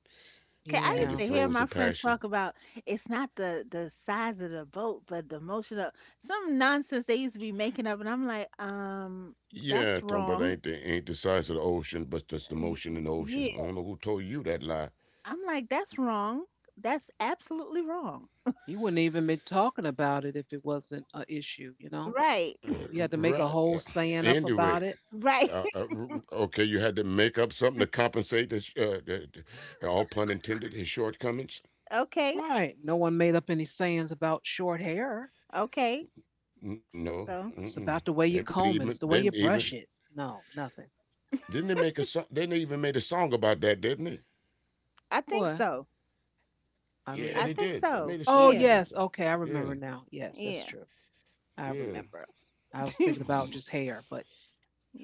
[SPEAKER 2] 'Kay, I used
[SPEAKER 3] in
[SPEAKER 1] Yeah,
[SPEAKER 2] to
[SPEAKER 3] the
[SPEAKER 2] hear my
[SPEAKER 3] throes of
[SPEAKER 2] friends talk
[SPEAKER 3] passion.
[SPEAKER 2] about it's not the the size of the boat, but the motion of some nonsense they used to be making up, and I'm like, um,
[SPEAKER 3] Yeah,
[SPEAKER 2] that's
[SPEAKER 3] talking about
[SPEAKER 2] wrong.
[SPEAKER 3] ain't the ain't the size of the ocean, but just the motion in the
[SPEAKER 2] Y-
[SPEAKER 3] ocean. I don't know who told you that lie.
[SPEAKER 2] I'm like, that's wrong. That's absolutely wrong.
[SPEAKER 1] you wouldn't even be talking about it if it wasn't a issue, you know?
[SPEAKER 2] Right.
[SPEAKER 3] Uh,
[SPEAKER 1] You had to make a
[SPEAKER 3] right.
[SPEAKER 1] whole
[SPEAKER 3] Uh,
[SPEAKER 1] saying up about
[SPEAKER 3] Anyway,
[SPEAKER 1] it.
[SPEAKER 2] Right.
[SPEAKER 3] uh, uh, r- okay, you had to make up something to compensate this. Uh, the, the- all pun intended. His shortcomings.
[SPEAKER 2] Okay.
[SPEAKER 1] Right. No one made up any sayings about short hair.
[SPEAKER 2] Okay.
[SPEAKER 3] N- No,
[SPEAKER 2] So
[SPEAKER 1] It's
[SPEAKER 3] mm-mm.
[SPEAKER 1] about the
[SPEAKER 3] They
[SPEAKER 1] way you
[SPEAKER 3] made
[SPEAKER 1] comb
[SPEAKER 3] even.
[SPEAKER 1] it, it's the
[SPEAKER 3] They
[SPEAKER 1] way you
[SPEAKER 3] even.
[SPEAKER 1] brush it. No, nothing.
[SPEAKER 3] Didn't they make a song? Didn't they even made a song about that? Didn't they?
[SPEAKER 2] I think
[SPEAKER 1] What?
[SPEAKER 2] so.
[SPEAKER 1] I don't
[SPEAKER 3] Yeah,
[SPEAKER 2] I
[SPEAKER 3] they
[SPEAKER 1] know.
[SPEAKER 2] think
[SPEAKER 3] did. They
[SPEAKER 2] so.
[SPEAKER 3] made a
[SPEAKER 1] Oh,
[SPEAKER 3] song
[SPEAKER 2] Yeah.
[SPEAKER 3] about that.
[SPEAKER 1] yes. Okay, I
[SPEAKER 3] Yeah,
[SPEAKER 1] remember now. Yes, that's
[SPEAKER 2] Yeah.
[SPEAKER 1] true.
[SPEAKER 3] yeah,
[SPEAKER 1] I remember. I was thinking about
[SPEAKER 2] You
[SPEAKER 1] just hair, but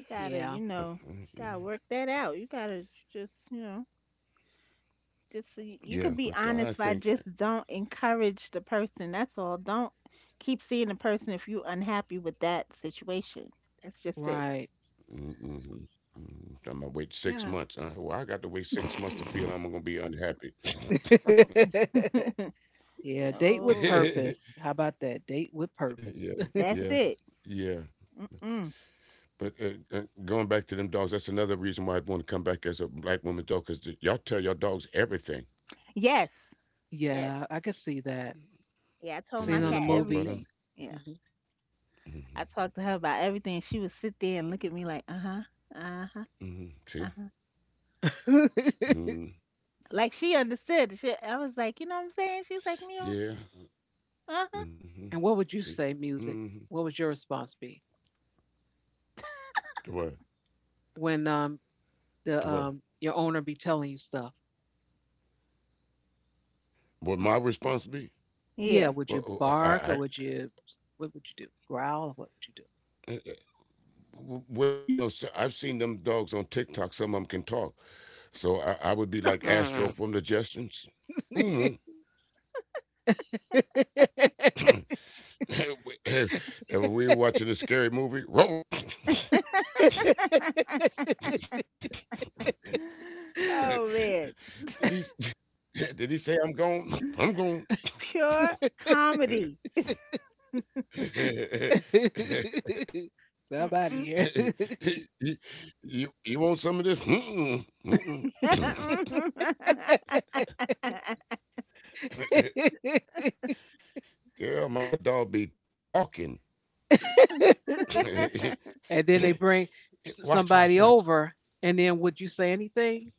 [SPEAKER 2] gotta,
[SPEAKER 3] Uh,
[SPEAKER 2] you
[SPEAKER 1] yeah.
[SPEAKER 3] uh,
[SPEAKER 2] know,
[SPEAKER 3] yeah,
[SPEAKER 2] gotta work that out. You gotta just, you know, just so you you
[SPEAKER 3] yeah.
[SPEAKER 2] could be
[SPEAKER 3] But I
[SPEAKER 2] honest by
[SPEAKER 3] think
[SPEAKER 2] just don't encourage the person. That's all. Don't keep seeing the person if you unhappy with that situation. That's just it.
[SPEAKER 1] Right.
[SPEAKER 3] mm-hmm, mm, I'm gonna wait six months.
[SPEAKER 1] Yeah.
[SPEAKER 3] Uh, well, I got to wait six months to feel I'm gonna be unhappy.
[SPEAKER 1] yeah, date with
[SPEAKER 2] No,
[SPEAKER 3] Yeah,
[SPEAKER 1] purpose. How about that? Date with purpose.
[SPEAKER 3] yeah,
[SPEAKER 2] that's it.
[SPEAKER 3] yeah.
[SPEAKER 2] Mm-mm.
[SPEAKER 3] But uh, uh, going back to them dogs, that's another reason why I'd want to come back as a black woman dog, because y'all tell your dogs everything.
[SPEAKER 2] Yes. Yes.
[SPEAKER 1] Yeah, I could see that.
[SPEAKER 2] Yeah, I told
[SPEAKER 3] You
[SPEAKER 2] my
[SPEAKER 1] Seen
[SPEAKER 3] know,
[SPEAKER 1] on
[SPEAKER 2] cat
[SPEAKER 1] the
[SPEAKER 3] they talk about
[SPEAKER 2] everything.
[SPEAKER 1] movies.
[SPEAKER 3] them.
[SPEAKER 2] Yeah.
[SPEAKER 1] Mhm.
[SPEAKER 3] Hmm.
[SPEAKER 2] I talked to her about everything. She would sit there and look at me like, uh-huh, uh-huh,
[SPEAKER 3] Hmm. See?
[SPEAKER 2] uh-huh.
[SPEAKER 3] Mm-hmm.
[SPEAKER 2] Like she understood. She, I was like, you know what I'm saying? She's like, meow,
[SPEAKER 3] Yeah.
[SPEAKER 2] uh-huh.
[SPEAKER 3] Mm-hmm.
[SPEAKER 1] and what would you
[SPEAKER 3] See.
[SPEAKER 1] say, music?
[SPEAKER 3] Mm-hmm.
[SPEAKER 1] What would your response be
[SPEAKER 3] To what?
[SPEAKER 1] when um
[SPEAKER 3] To
[SPEAKER 1] the
[SPEAKER 3] what?
[SPEAKER 1] um your owner be telling you stuff?
[SPEAKER 3] What my response be?
[SPEAKER 1] Yeah,
[SPEAKER 2] Yeah.
[SPEAKER 1] would you
[SPEAKER 3] Well, uh,
[SPEAKER 1] bark or
[SPEAKER 3] I,
[SPEAKER 1] would you what would you do? Growl or what would
[SPEAKER 3] I, uh, well, you know, so I've seen them dogs on TikTok. Some of them can talk, so I, I would be like Astro from the Jetsons. Oh,
[SPEAKER 1] you
[SPEAKER 3] and when we were watching a scary movie, roll, roll.
[SPEAKER 2] Oh man.
[SPEAKER 3] Did he? Did he say I'm gone? I'm gone.
[SPEAKER 2] Pure comedy.
[SPEAKER 1] do? Somebody
[SPEAKER 2] Mm-mm.
[SPEAKER 1] here.
[SPEAKER 3] you, you want some of this? Mm-mm, mm-mm. Girl, my dog be talking.
[SPEAKER 1] and then they bring s-
[SPEAKER 3] Watch, watch,
[SPEAKER 1] somebody
[SPEAKER 3] watch.
[SPEAKER 1] over, and then would you say anything?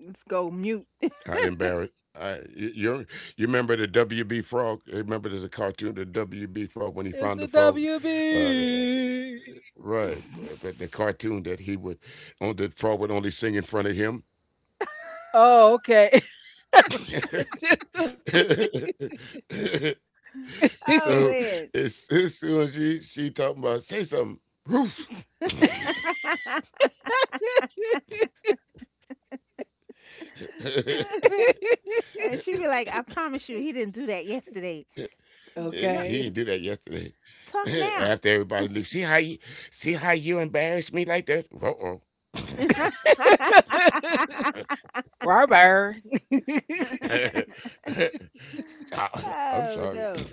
[SPEAKER 2] Let's go mute.
[SPEAKER 3] I didn't bear it. I, you, you you remember the W B frog? Remember there's a cartoon, the W B frog, when he found
[SPEAKER 1] It's
[SPEAKER 3] the
[SPEAKER 1] the
[SPEAKER 3] frog? Uh, uh,
[SPEAKER 1] W B.
[SPEAKER 3] right. But but the cartoon that he would, on the frog would only sing in front of him.
[SPEAKER 1] Oh, okay. That's what you would
[SPEAKER 2] Oh
[SPEAKER 1] do.
[SPEAKER 3] So
[SPEAKER 2] man.
[SPEAKER 3] as, as soon as she, she talking about, say something. Roof. He
[SPEAKER 2] And she'd be like, I promise you, he didn't do that yesterday. S- No,
[SPEAKER 1] okay.
[SPEAKER 3] didn't do that yesterday.
[SPEAKER 2] talk now.
[SPEAKER 3] After everybody leaves, see how you see how you embarrass me like that. Uh
[SPEAKER 1] Robert.
[SPEAKER 3] oh. I'm
[SPEAKER 2] Oh,
[SPEAKER 3] sorry.
[SPEAKER 2] no.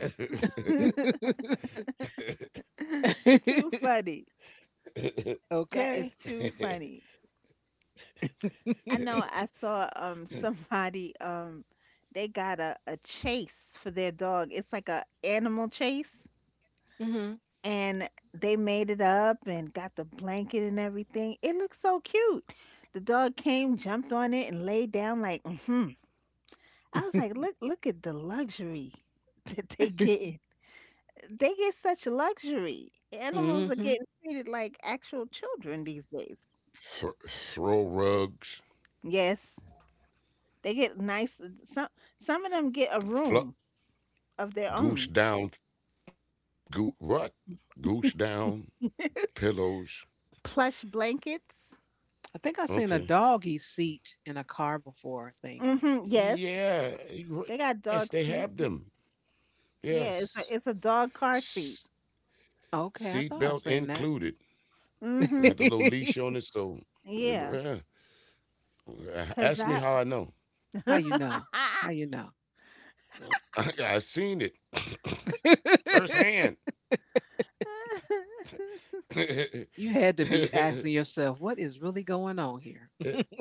[SPEAKER 2] Too funny. That is
[SPEAKER 1] okay.
[SPEAKER 2] too funny. I know I saw um somebody um they got a, a chase for their dog. It's like a animal chase,
[SPEAKER 1] Hmm.
[SPEAKER 2] and they made it up and got the blanket and everything. It looked so cute. The dog came, jumped on it, and laid down like, hmm. I was like, look, look at the luxury that they get. They get such luxury. Animals are
[SPEAKER 1] Hmm.
[SPEAKER 2] getting treated like actual children these days.
[SPEAKER 3] Th- throw rugs,
[SPEAKER 2] Yes, they get nice. uh, Some some of them get a
[SPEAKER 3] fluff,
[SPEAKER 2] room of their
[SPEAKER 3] goose
[SPEAKER 2] own.
[SPEAKER 3] down, goo what? Goose down pillows.
[SPEAKER 2] Plush blankets.
[SPEAKER 1] I think I seen a
[SPEAKER 3] Okay.
[SPEAKER 1] doggy seat in a car before, I think.
[SPEAKER 2] Hmm. Yes,
[SPEAKER 3] Yeah.
[SPEAKER 2] they got
[SPEAKER 3] y-
[SPEAKER 2] dog
[SPEAKER 3] Yes,
[SPEAKER 2] seats.
[SPEAKER 3] they have them.
[SPEAKER 2] Yeah, it's a it's a
[SPEAKER 3] Yes.
[SPEAKER 2] dog car seat.
[SPEAKER 3] S-
[SPEAKER 1] Okay, I thought I seen
[SPEAKER 3] Seatbelt
[SPEAKER 1] that.
[SPEAKER 3] included.
[SPEAKER 2] Mhm.
[SPEAKER 3] Got the little leash on it, so.
[SPEAKER 2] Yeah, 'cause
[SPEAKER 3] Uh,
[SPEAKER 2] that.
[SPEAKER 3] Ask me how I know.
[SPEAKER 1] How you know? How you know?
[SPEAKER 3] I, I seen it firsthand.
[SPEAKER 1] you had to be asking yourself, what is really going on here?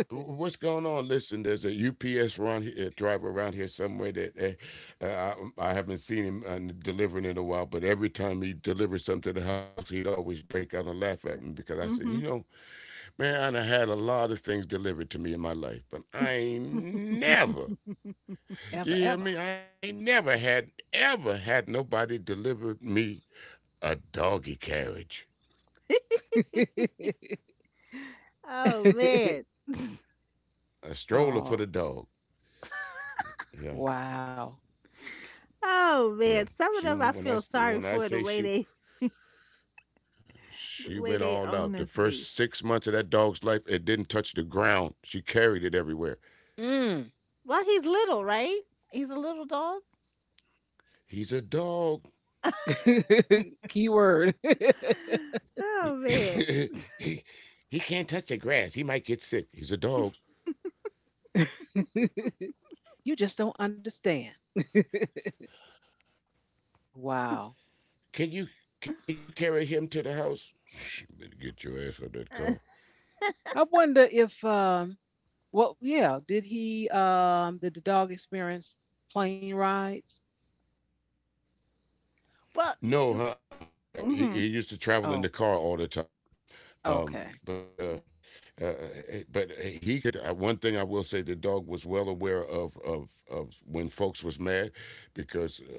[SPEAKER 3] What's going on? Listen, there's a U P S run uh, driver around here somewhere that uh, uh, I, I haven't seen him uh, delivering in a while. But every time he delivers something to the house, he'd always break out and laugh at me because I said, you know,
[SPEAKER 2] Mhm.
[SPEAKER 3] man, I done had a lot of things delivered to me in my life, but I ain't never,
[SPEAKER 1] Ever, ever.
[SPEAKER 3] you hear me? I ain't never had ever had nobody deliver me a doggy carriage.
[SPEAKER 2] Oh man.
[SPEAKER 3] A stroller for the
[SPEAKER 1] oh,
[SPEAKER 3] dog. Yeah,
[SPEAKER 1] wow.
[SPEAKER 3] yeah.
[SPEAKER 2] Oh man,
[SPEAKER 3] She
[SPEAKER 2] some of
[SPEAKER 3] when
[SPEAKER 2] them I
[SPEAKER 3] I
[SPEAKER 2] feel
[SPEAKER 3] when I
[SPEAKER 2] sorry
[SPEAKER 3] say
[SPEAKER 2] for the
[SPEAKER 3] she
[SPEAKER 2] way they
[SPEAKER 3] she
[SPEAKER 2] the
[SPEAKER 3] went
[SPEAKER 2] way
[SPEAKER 3] all
[SPEAKER 2] they
[SPEAKER 3] out. The
[SPEAKER 2] owners
[SPEAKER 3] first
[SPEAKER 2] be.
[SPEAKER 3] six months of that dog's life, it didn't touch the ground. She carried it everywhere.
[SPEAKER 1] Mm.
[SPEAKER 2] Well, he's little, right? He's a little dog.
[SPEAKER 3] He's a dog.
[SPEAKER 1] Keyword.
[SPEAKER 2] Oh man.
[SPEAKER 3] he, he can't touch the grass. He might get sick. He's a dog.
[SPEAKER 1] you just don't understand. Wow.
[SPEAKER 3] Can you can you carry him to the house? Better get your ass out that car.
[SPEAKER 1] I wonder if um well yeah, did he um did the dog experience plane rides?
[SPEAKER 2] Well,
[SPEAKER 3] No,
[SPEAKER 2] you,
[SPEAKER 3] uh-uh. Uh, we, he, he
[SPEAKER 2] mhm.
[SPEAKER 3] used to travel in the
[SPEAKER 1] Oh,
[SPEAKER 3] car all the time. Um,
[SPEAKER 1] okay.
[SPEAKER 3] but uh, uh, eh, eh, but eh, he could. Uh, one thing I will say, the dog was well aware of of of when folks was mad, because uh,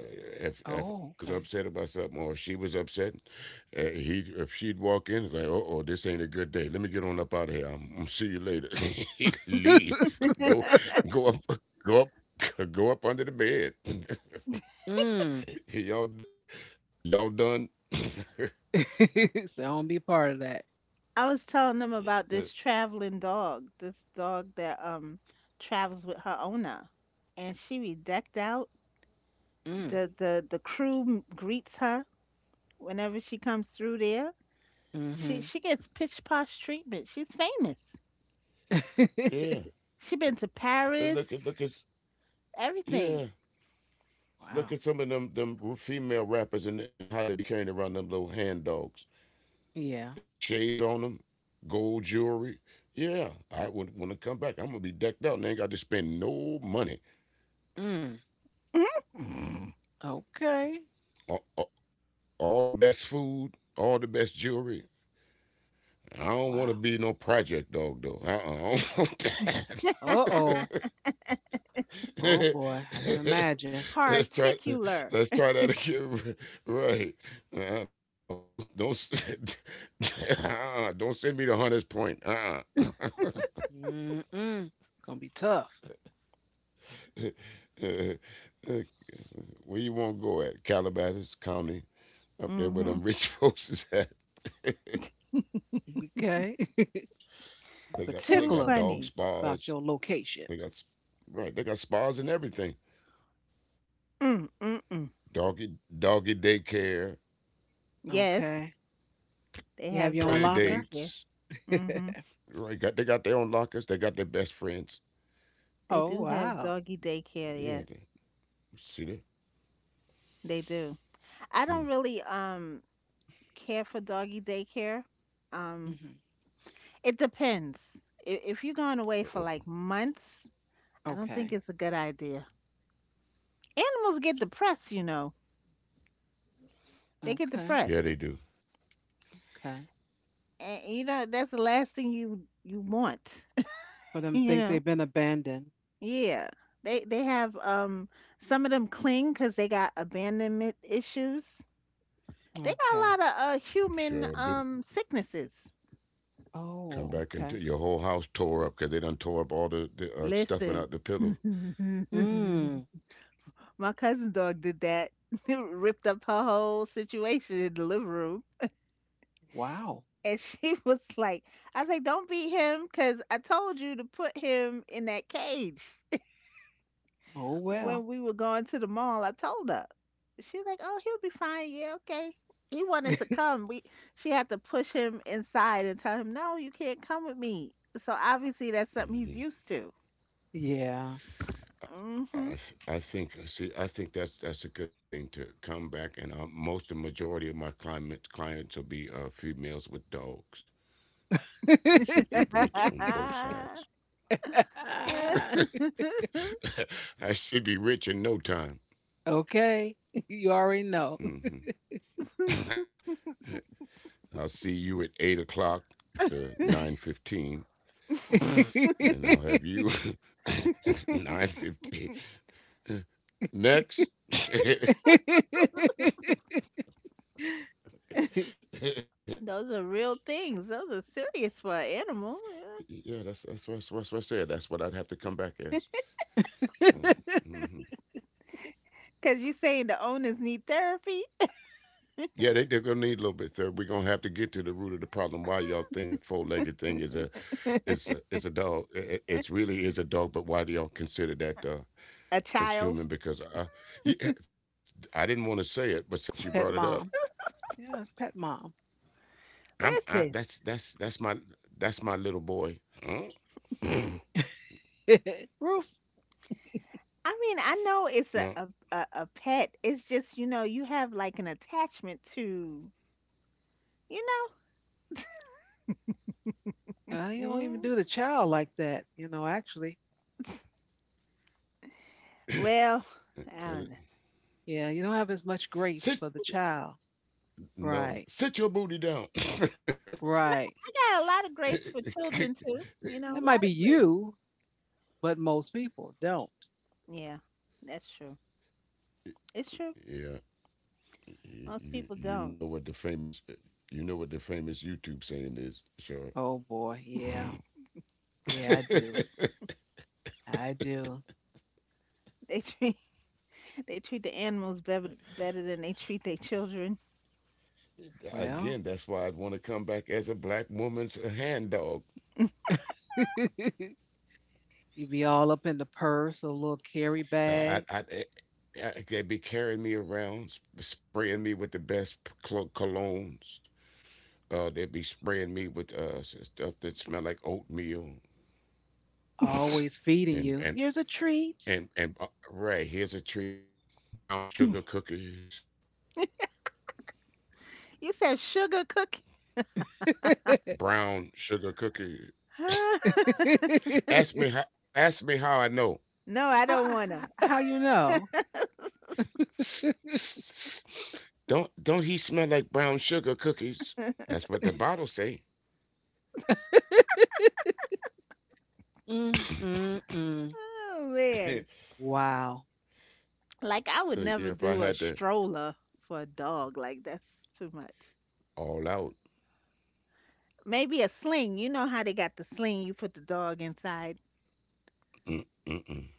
[SPEAKER 3] if if
[SPEAKER 1] Oh,
[SPEAKER 3] I was upset about something or she was upset, uh, he if she'd walk in it's like, oh, oh, this ain't a good day. Let me get on up out of here. I'm, I'm see you later. He'd
[SPEAKER 1] okay.
[SPEAKER 3] leave. Go go up go up go up under the bed.
[SPEAKER 1] Mm.
[SPEAKER 3] y'all d- Y'all done.
[SPEAKER 1] so I don't be part of that.
[SPEAKER 2] I was telling them
[SPEAKER 3] Uh,
[SPEAKER 2] about this traveling dog, this dog that um travels with her owner, and she be decked out.
[SPEAKER 1] Mm.
[SPEAKER 2] the the the crew greets her whenever she comes through there. She
[SPEAKER 1] Mm-hmm.
[SPEAKER 2] she gets pitch posh treatment. She's famous.
[SPEAKER 3] Yeah,
[SPEAKER 2] She been to
[SPEAKER 3] and look at look at
[SPEAKER 2] Paris, everything.
[SPEAKER 3] yeah,
[SPEAKER 1] wow.
[SPEAKER 3] look at some of them them female rappers and and how they be carrying around them little hand dogs.
[SPEAKER 1] Yeah.
[SPEAKER 3] They got shades on them, gold jewelry. Yeah, I would when I come back, I'm gonna be decked out and ain't got to spend no money.
[SPEAKER 1] Mm.
[SPEAKER 2] Mhm.
[SPEAKER 1] Okay.
[SPEAKER 3] A- a- All the best food, all the best jewelry. I don't
[SPEAKER 1] Wow.
[SPEAKER 3] want to be no project dog though. Uh-uh, I don't want that.
[SPEAKER 1] Uh oh. Oh boy. I can imagine.
[SPEAKER 3] let's try
[SPEAKER 2] Particular.
[SPEAKER 3] let's try that again right uh, no don't don't s- uh, don't send me to Hunter's Point, uh-uh.
[SPEAKER 1] Mm-mm. Gonna be tough.
[SPEAKER 3] Uh, uh, where you want to go at Calabasas county, up there where
[SPEAKER 2] Hmm.
[SPEAKER 3] them rich folks is at.
[SPEAKER 1] Okay.
[SPEAKER 3] They got
[SPEAKER 2] Too
[SPEAKER 3] they
[SPEAKER 1] Particular
[SPEAKER 3] got
[SPEAKER 2] funny.
[SPEAKER 3] dog
[SPEAKER 1] about your
[SPEAKER 3] spas.
[SPEAKER 1] location.
[SPEAKER 3] they got s- right, they got spas and everything.
[SPEAKER 2] Mm, mm, mm.
[SPEAKER 3] Doggy doggy daycare,
[SPEAKER 2] Yes,
[SPEAKER 1] Okay.
[SPEAKER 2] they
[SPEAKER 1] You have your
[SPEAKER 2] have
[SPEAKER 1] own
[SPEAKER 3] play
[SPEAKER 2] doggy
[SPEAKER 1] locker?
[SPEAKER 2] daycare.
[SPEAKER 3] dates,
[SPEAKER 2] Hmm.
[SPEAKER 3] right. got They got their own lockers, they got their best friends.
[SPEAKER 2] They
[SPEAKER 1] oh
[SPEAKER 2] do have
[SPEAKER 1] wow.
[SPEAKER 2] doggy daycare. Yes,
[SPEAKER 3] Yeah. See that?
[SPEAKER 2] they do. I don't
[SPEAKER 3] Hmm.
[SPEAKER 2] really um care for doggy daycare. Um,
[SPEAKER 1] Hmm.
[SPEAKER 2] It depends. If, if you're going away for like
[SPEAKER 3] Uh-uh.
[SPEAKER 2] months, I don't think
[SPEAKER 1] Okay.
[SPEAKER 2] it's a good idea. Animals get depressed, you know. They get
[SPEAKER 1] Okay.
[SPEAKER 3] Yeah, they
[SPEAKER 2] depressed.
[SPEAKER 3] do.
[SPEAKER 1] Okay.
[SPEAKER 2] And you know, that's the last thing you you want.
[SPEAKER 1] For them
[SPEAKER 2] You
[SPEAKER 1] think they've
[SPEAKER 2] know?
[SPEAKER 1] been abandoned.
[SPEAKER 2] Yeah. They they have um some of them cling 'cause they got abandonment issues. They got a
[SPEAKER 1] Okay.
[SPEAKER 2] lot of uh human
[SPEAKER 3] Sure do.
[SPEAKER 2] um sicknesses.
[SPEAKER 3] Come
[SPEAKER 1] Oh,
[SPEAKER 3] back
[SPEAKER 1] okay.
[SPEAKER 3] and t- your whole house tore up because they done tore up all the, the uh,
[SPEAKER 2] Listen.
[SPEAKER 3] stuffing out the pillows.
[SPEAKER 1] Mm.
[SPEAKER 2] My cousin dog did that. Ripped up her whole situation in the living room.
[SPEAKER 1] Wow.
[SPEAKER 2] And she was like, I was like, don't beat him because I told you to put him in that cage
[SPEAKER 1] Oh well.
[SPEAKER 2] when we were going to the mall. I told her. She was like, oh, he'll be fine. Yeah, okay. He wanted to come. We She had to push him inside and tell him, no, you can't come with me. So obviously that's something he's
[SPEAKER 3] Hmm.
[SPEAKER 2] used to.
[SPEAKER 1] Yeah.
[SPEAKER 2] Hmm.
[SPEAKER 3] I th- I think uh, see I think that's that's a good thing to come back, and uh, most the majority of my clients clients will be uh, females with dogs. I should get rich on both sides. I should be rich in no time.
[SPEAKER 1] Okay. You already know.
[SPEAKER 3] Hmm. I'll see you at eight o'clock to nine fifteen, and I'll have you nine fifty. Next. Yeah,
[SPEAKER 2] Those are real things. Those are serious for an animal.
[SPEAKER 3] that's that's what, that's what that's what I said. That's what I'd have to come back as. Mm-hmm.
[SPEAKER 2] Because you're saying the owners need therapy?
[SPEAKER 3] Yeah, they, they're gonna need a little bit. Sir, we're gonna have to get to the root of the problem. Why y'all think that four-legged thing is a is a is a dog? It, it's really is a dog, but why do y'all consider that uh,
[SPEAKER 2] A child.
[SPEAKER 3] as human? Because I, yeah, I didn't want to say it, but since you
[SPEAKER 1] pet
[SPEAKER 3] brought it up,
[SPEAKER 1] mom. Yeah, it's pet mom.
[SPEAKER 3] I'm I
[SPEAKER 2] Listen,
[SPEAKER 3] that's that's that's my that's my little boy. Huh?
[SPEAKER 2] I
[SPEAKER 1] Roof.
[SPEAKER 2] mean, I know it's a, a
[SPEAKER 3] No.
[SPEAKER 2] a a pet. It's just you know you have like an attachment to, you know.
[SPEAKER 1] Uh, you don't even
[SPEAKER 2] Mm,
[SPEAKER 1] do the child like that, you know, actually.
[SPEAKER 2] well, I don't know.
[SPEAKER 3] Tell it.
[SPEAKER 1] Yeah, you don't have as much grace for the
[SPEAKER 3] Sit your
[SPEAKER 1] child.
[SPEAKER 3] No,
[SPEAKER 1] Right.
[SPEAKER 3] sit your booty down. Yeah,
[SPEAKER 1] Right.
[SPEAKER 2] I got a lot of grace for children too. You
[SPEAKER 1] It
[SPEAKER 2] know, a
[SPEAKER 1] might be
[SPEAKER 2] lot of grace.
[SPEAKER 1] you, but most people don't.
[SPEAKER 2] Yeah, that's true. It's true.
[SPEAKER 3] you,
[SPEAKER 2] Most people
[SPEAKER 3] you
[SPEAKER 2] don't.
[SPEAKER 3] you know what the famous you know what the famous YouTube saying is. Sure.
[SPEAKER 1] Oh boy, yeah. Yeah, I do. I do.
[SPEAKER 2] They treat they treat the animals better better than they treat their children.
[SPEAKER 1] Well,
[SPEAKER 3] Again, that's why I want to come back as a black woman's hand dog.
[SPEAKER 1] you be all up in the purse or little carry bag.
[SPEAKER 3] I I. I eh, I- They'd be carrying me around, sp- spraying me with the best p- clo- colognes. Uh, they'd be spraying me with uh, s- stuff that smell like oatmeal
[SPEAKER 1] Always feeding you.
[SPEAKER 3] and
[SPEAKER 1] Here's a
[SPEAKER 3] and
[SPEAKER 1] treat.
[SPEAKER 3] and and uh, right. Here's a treat: brown
[SPEAKER 2] You
[SPEAKER 3] sugar cookies
[SPEAKER 2] said sugar cookie?
[SPEAKER 3] brown sugar cookie. Ask me how. Ask me how I know.
[SPEAKER 2] No, I don't
[SPEAKER 1] how,
[SPEAKER 2] wanna.
[SPEAKER 1] how you know?
[SPEAKER 3] S- s- s- Don't don't he smell like brown sugar cookies? That's what the bottle say.
[SPEAKER 1] Mm, mm, mm.
[SPEAKER 2] Oh man.
[SPEAKER 3] So
[SPEAKER 1] Wow.
[SPEAKER 2] Like I would never
[SPEAKER 3] yeah, if I
[SPEAKER 2] do a
[SPEAKER 3] had to
[SPEAKER 2] stroller for a dog. Like that's too much.
[SPEAKER 3] all out
[SPEAKER 2] Maybe a sling. You know how they got the sling you put the dog inside.
[SPEAKER 3] mm, mm, mm,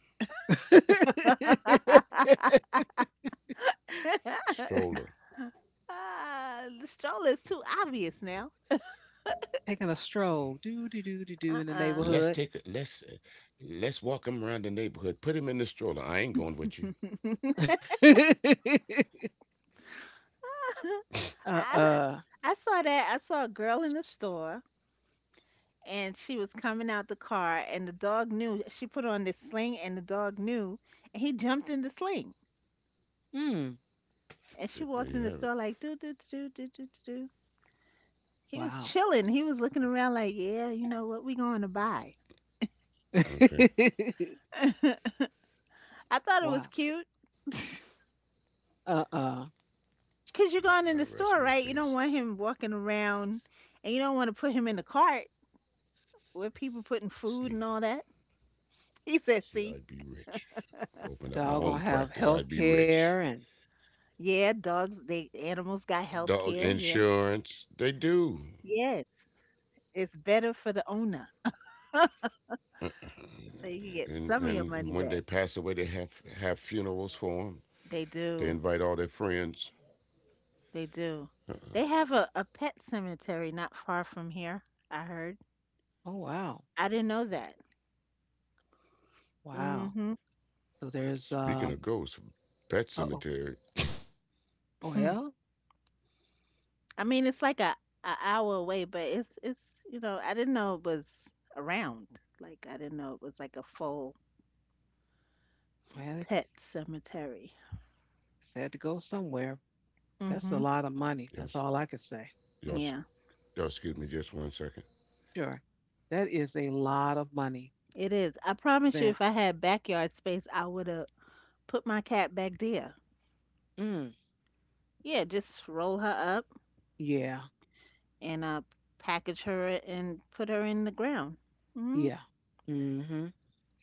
[SPEAKER 3] stroller,
[SPEAKER 2] Ah, the stroller is too obvious now.
[SPEAKER 1] Taking a stroll, do do do do do in the
[SPEAKER 2] Uh-uh.
[SPEAKER 3] let's
[SPEAKER 1] neighborhood.
[SPEAKER 3] take a let's uh, let's walk him around the neighborhood. Put him in the stroller. I ain't going with you.
[SPEAKER 1] uh
[SPEAKER 2] I
[SPEAKER 1] uh.
[SPEAKER 2] I saw that. I saw a girl in the store and she was coming out the car and the dog knew she put on this sling and the dog knew and he jumped in the sling.
[SPEAKER 1] Mm,
[SPEAKER 2] And she walked
[SPEAKER 3] Th-
[SPEAKER 2] in the
[SPEAKER 3] There
[SPEAKER 2] store
[SPEAKER 3] you have
[SPEAKER 2] like
[SPEAKER 3] it.
[SPEAKER 2] do do do do do do do do. He was
[SPEAKER 1] wow.
[SPEAKER 2] chilling. He was looking around like, yeah, you know what? We going to buy.
[SPEAKER 3] Okay,
[SPEAKER 2] I thought it was
[SPEAKER 1] wow.
[SPEAKER 2] cute
[SPEAKER 1] Uh uh.
[SPEAKER 2] because you're going in the
[SPEAKER 3] I
[SPEAKER 2] store,
[SPEAKER 3] rest my
[SPEAKER 2] right? You don't
[SPEAKER 3] case.
[SPEAKER 2] want him walking around and you don't want to put him in the cart with people putting food
[SPEAKER 3] See,
[SPEAKER 2] and all that. He said, see,
[SPEAKER 3] See, I'd be rich. Open
[SPEAKER 1] Dog
[SPEAKER 3] up my
[SPEAKER 1] gonna
[SPEAKER 3] own
[SPEAKER 1] have health
[SPEAKER 3] practice. I'd be
[SPEAKER 1] care and
[SPEAKER 3] rich.
[SPEAKER 2] yeah, dogs, they animals got health
[SPEAKER 3] Dog
[SPEAKER 2] care. Yeah.
[SPEAKER 3] insurance, they do.
[SPEAKER 2] Yes. It's better for the owner. So you can get
[SPEAKER 3] and
[SPEAKER 2] some of your
[SPEAKER 3] and
[SPEAKER 2] money
[SPEAKER 3] when they
[SPEAKER 2] back.
[SPEAKER 3] pass away, they have have funerals for them.
[SPEAKER 2] They
[SPEAKER 3] They
[SPEAKER 2] do.
[SPEAKER 3] invite all their friends.
[SPEAKER 2] They do. They have a, a pet cemetery not far from here, I heard.
[SPEAKER 1] oh wow,
[SPEAKER 2] I didn't know that.
[SPEAKER 1] wow.
[SPEAKER 2] Mhm.
[SPEAKER 1] So there's um.
[SPEAKER 3] Speaking of ghosts,
[SPEAKER 1] Uh
[SPEAKER 3] Pet Cemetery.
[SPEAKER 1] Oh
[SPEAKER 2] Hmm.
[SPEAKER 1] well,
[SPEAKER 2] I mean, it's like a, a hour away, but it's it's you know, I didn't know it was around. Like I didn't know it was like a full
[SPEAKER 1] Well,
[SPEAKER 2] pet cemetery.
[SPEAKER 1] they had to go somewhere. That's a
[SPEAKER 2] Hmm.
[SPEAKER 1] lot of money. That's all
[SPEAKER 3] Y'all,
[SPEAKER 1] I could say.
[SPEAKER 3] y'all,
[SPEAKER 2] Yeah,
[SPEAKER 3] y'all excuse me just one second.
[SPEAKER 1] Sure. That is a lot of money
[SPEAKER 2] it is. I promise you,
[SPEAKER 1] spent.
[SPEAKER 2] if I had backyard space, I would have put my cat back there.
[SPEAKER 1] Mm,
[SPEAKER 2] Yeah, just roll her up
[SPEAKER 1] yeah.
[SPEAKER 2] and uh, package her and put her in the ground. Hmm.
[SPEAKER 1] Yeah. Mm-hmm.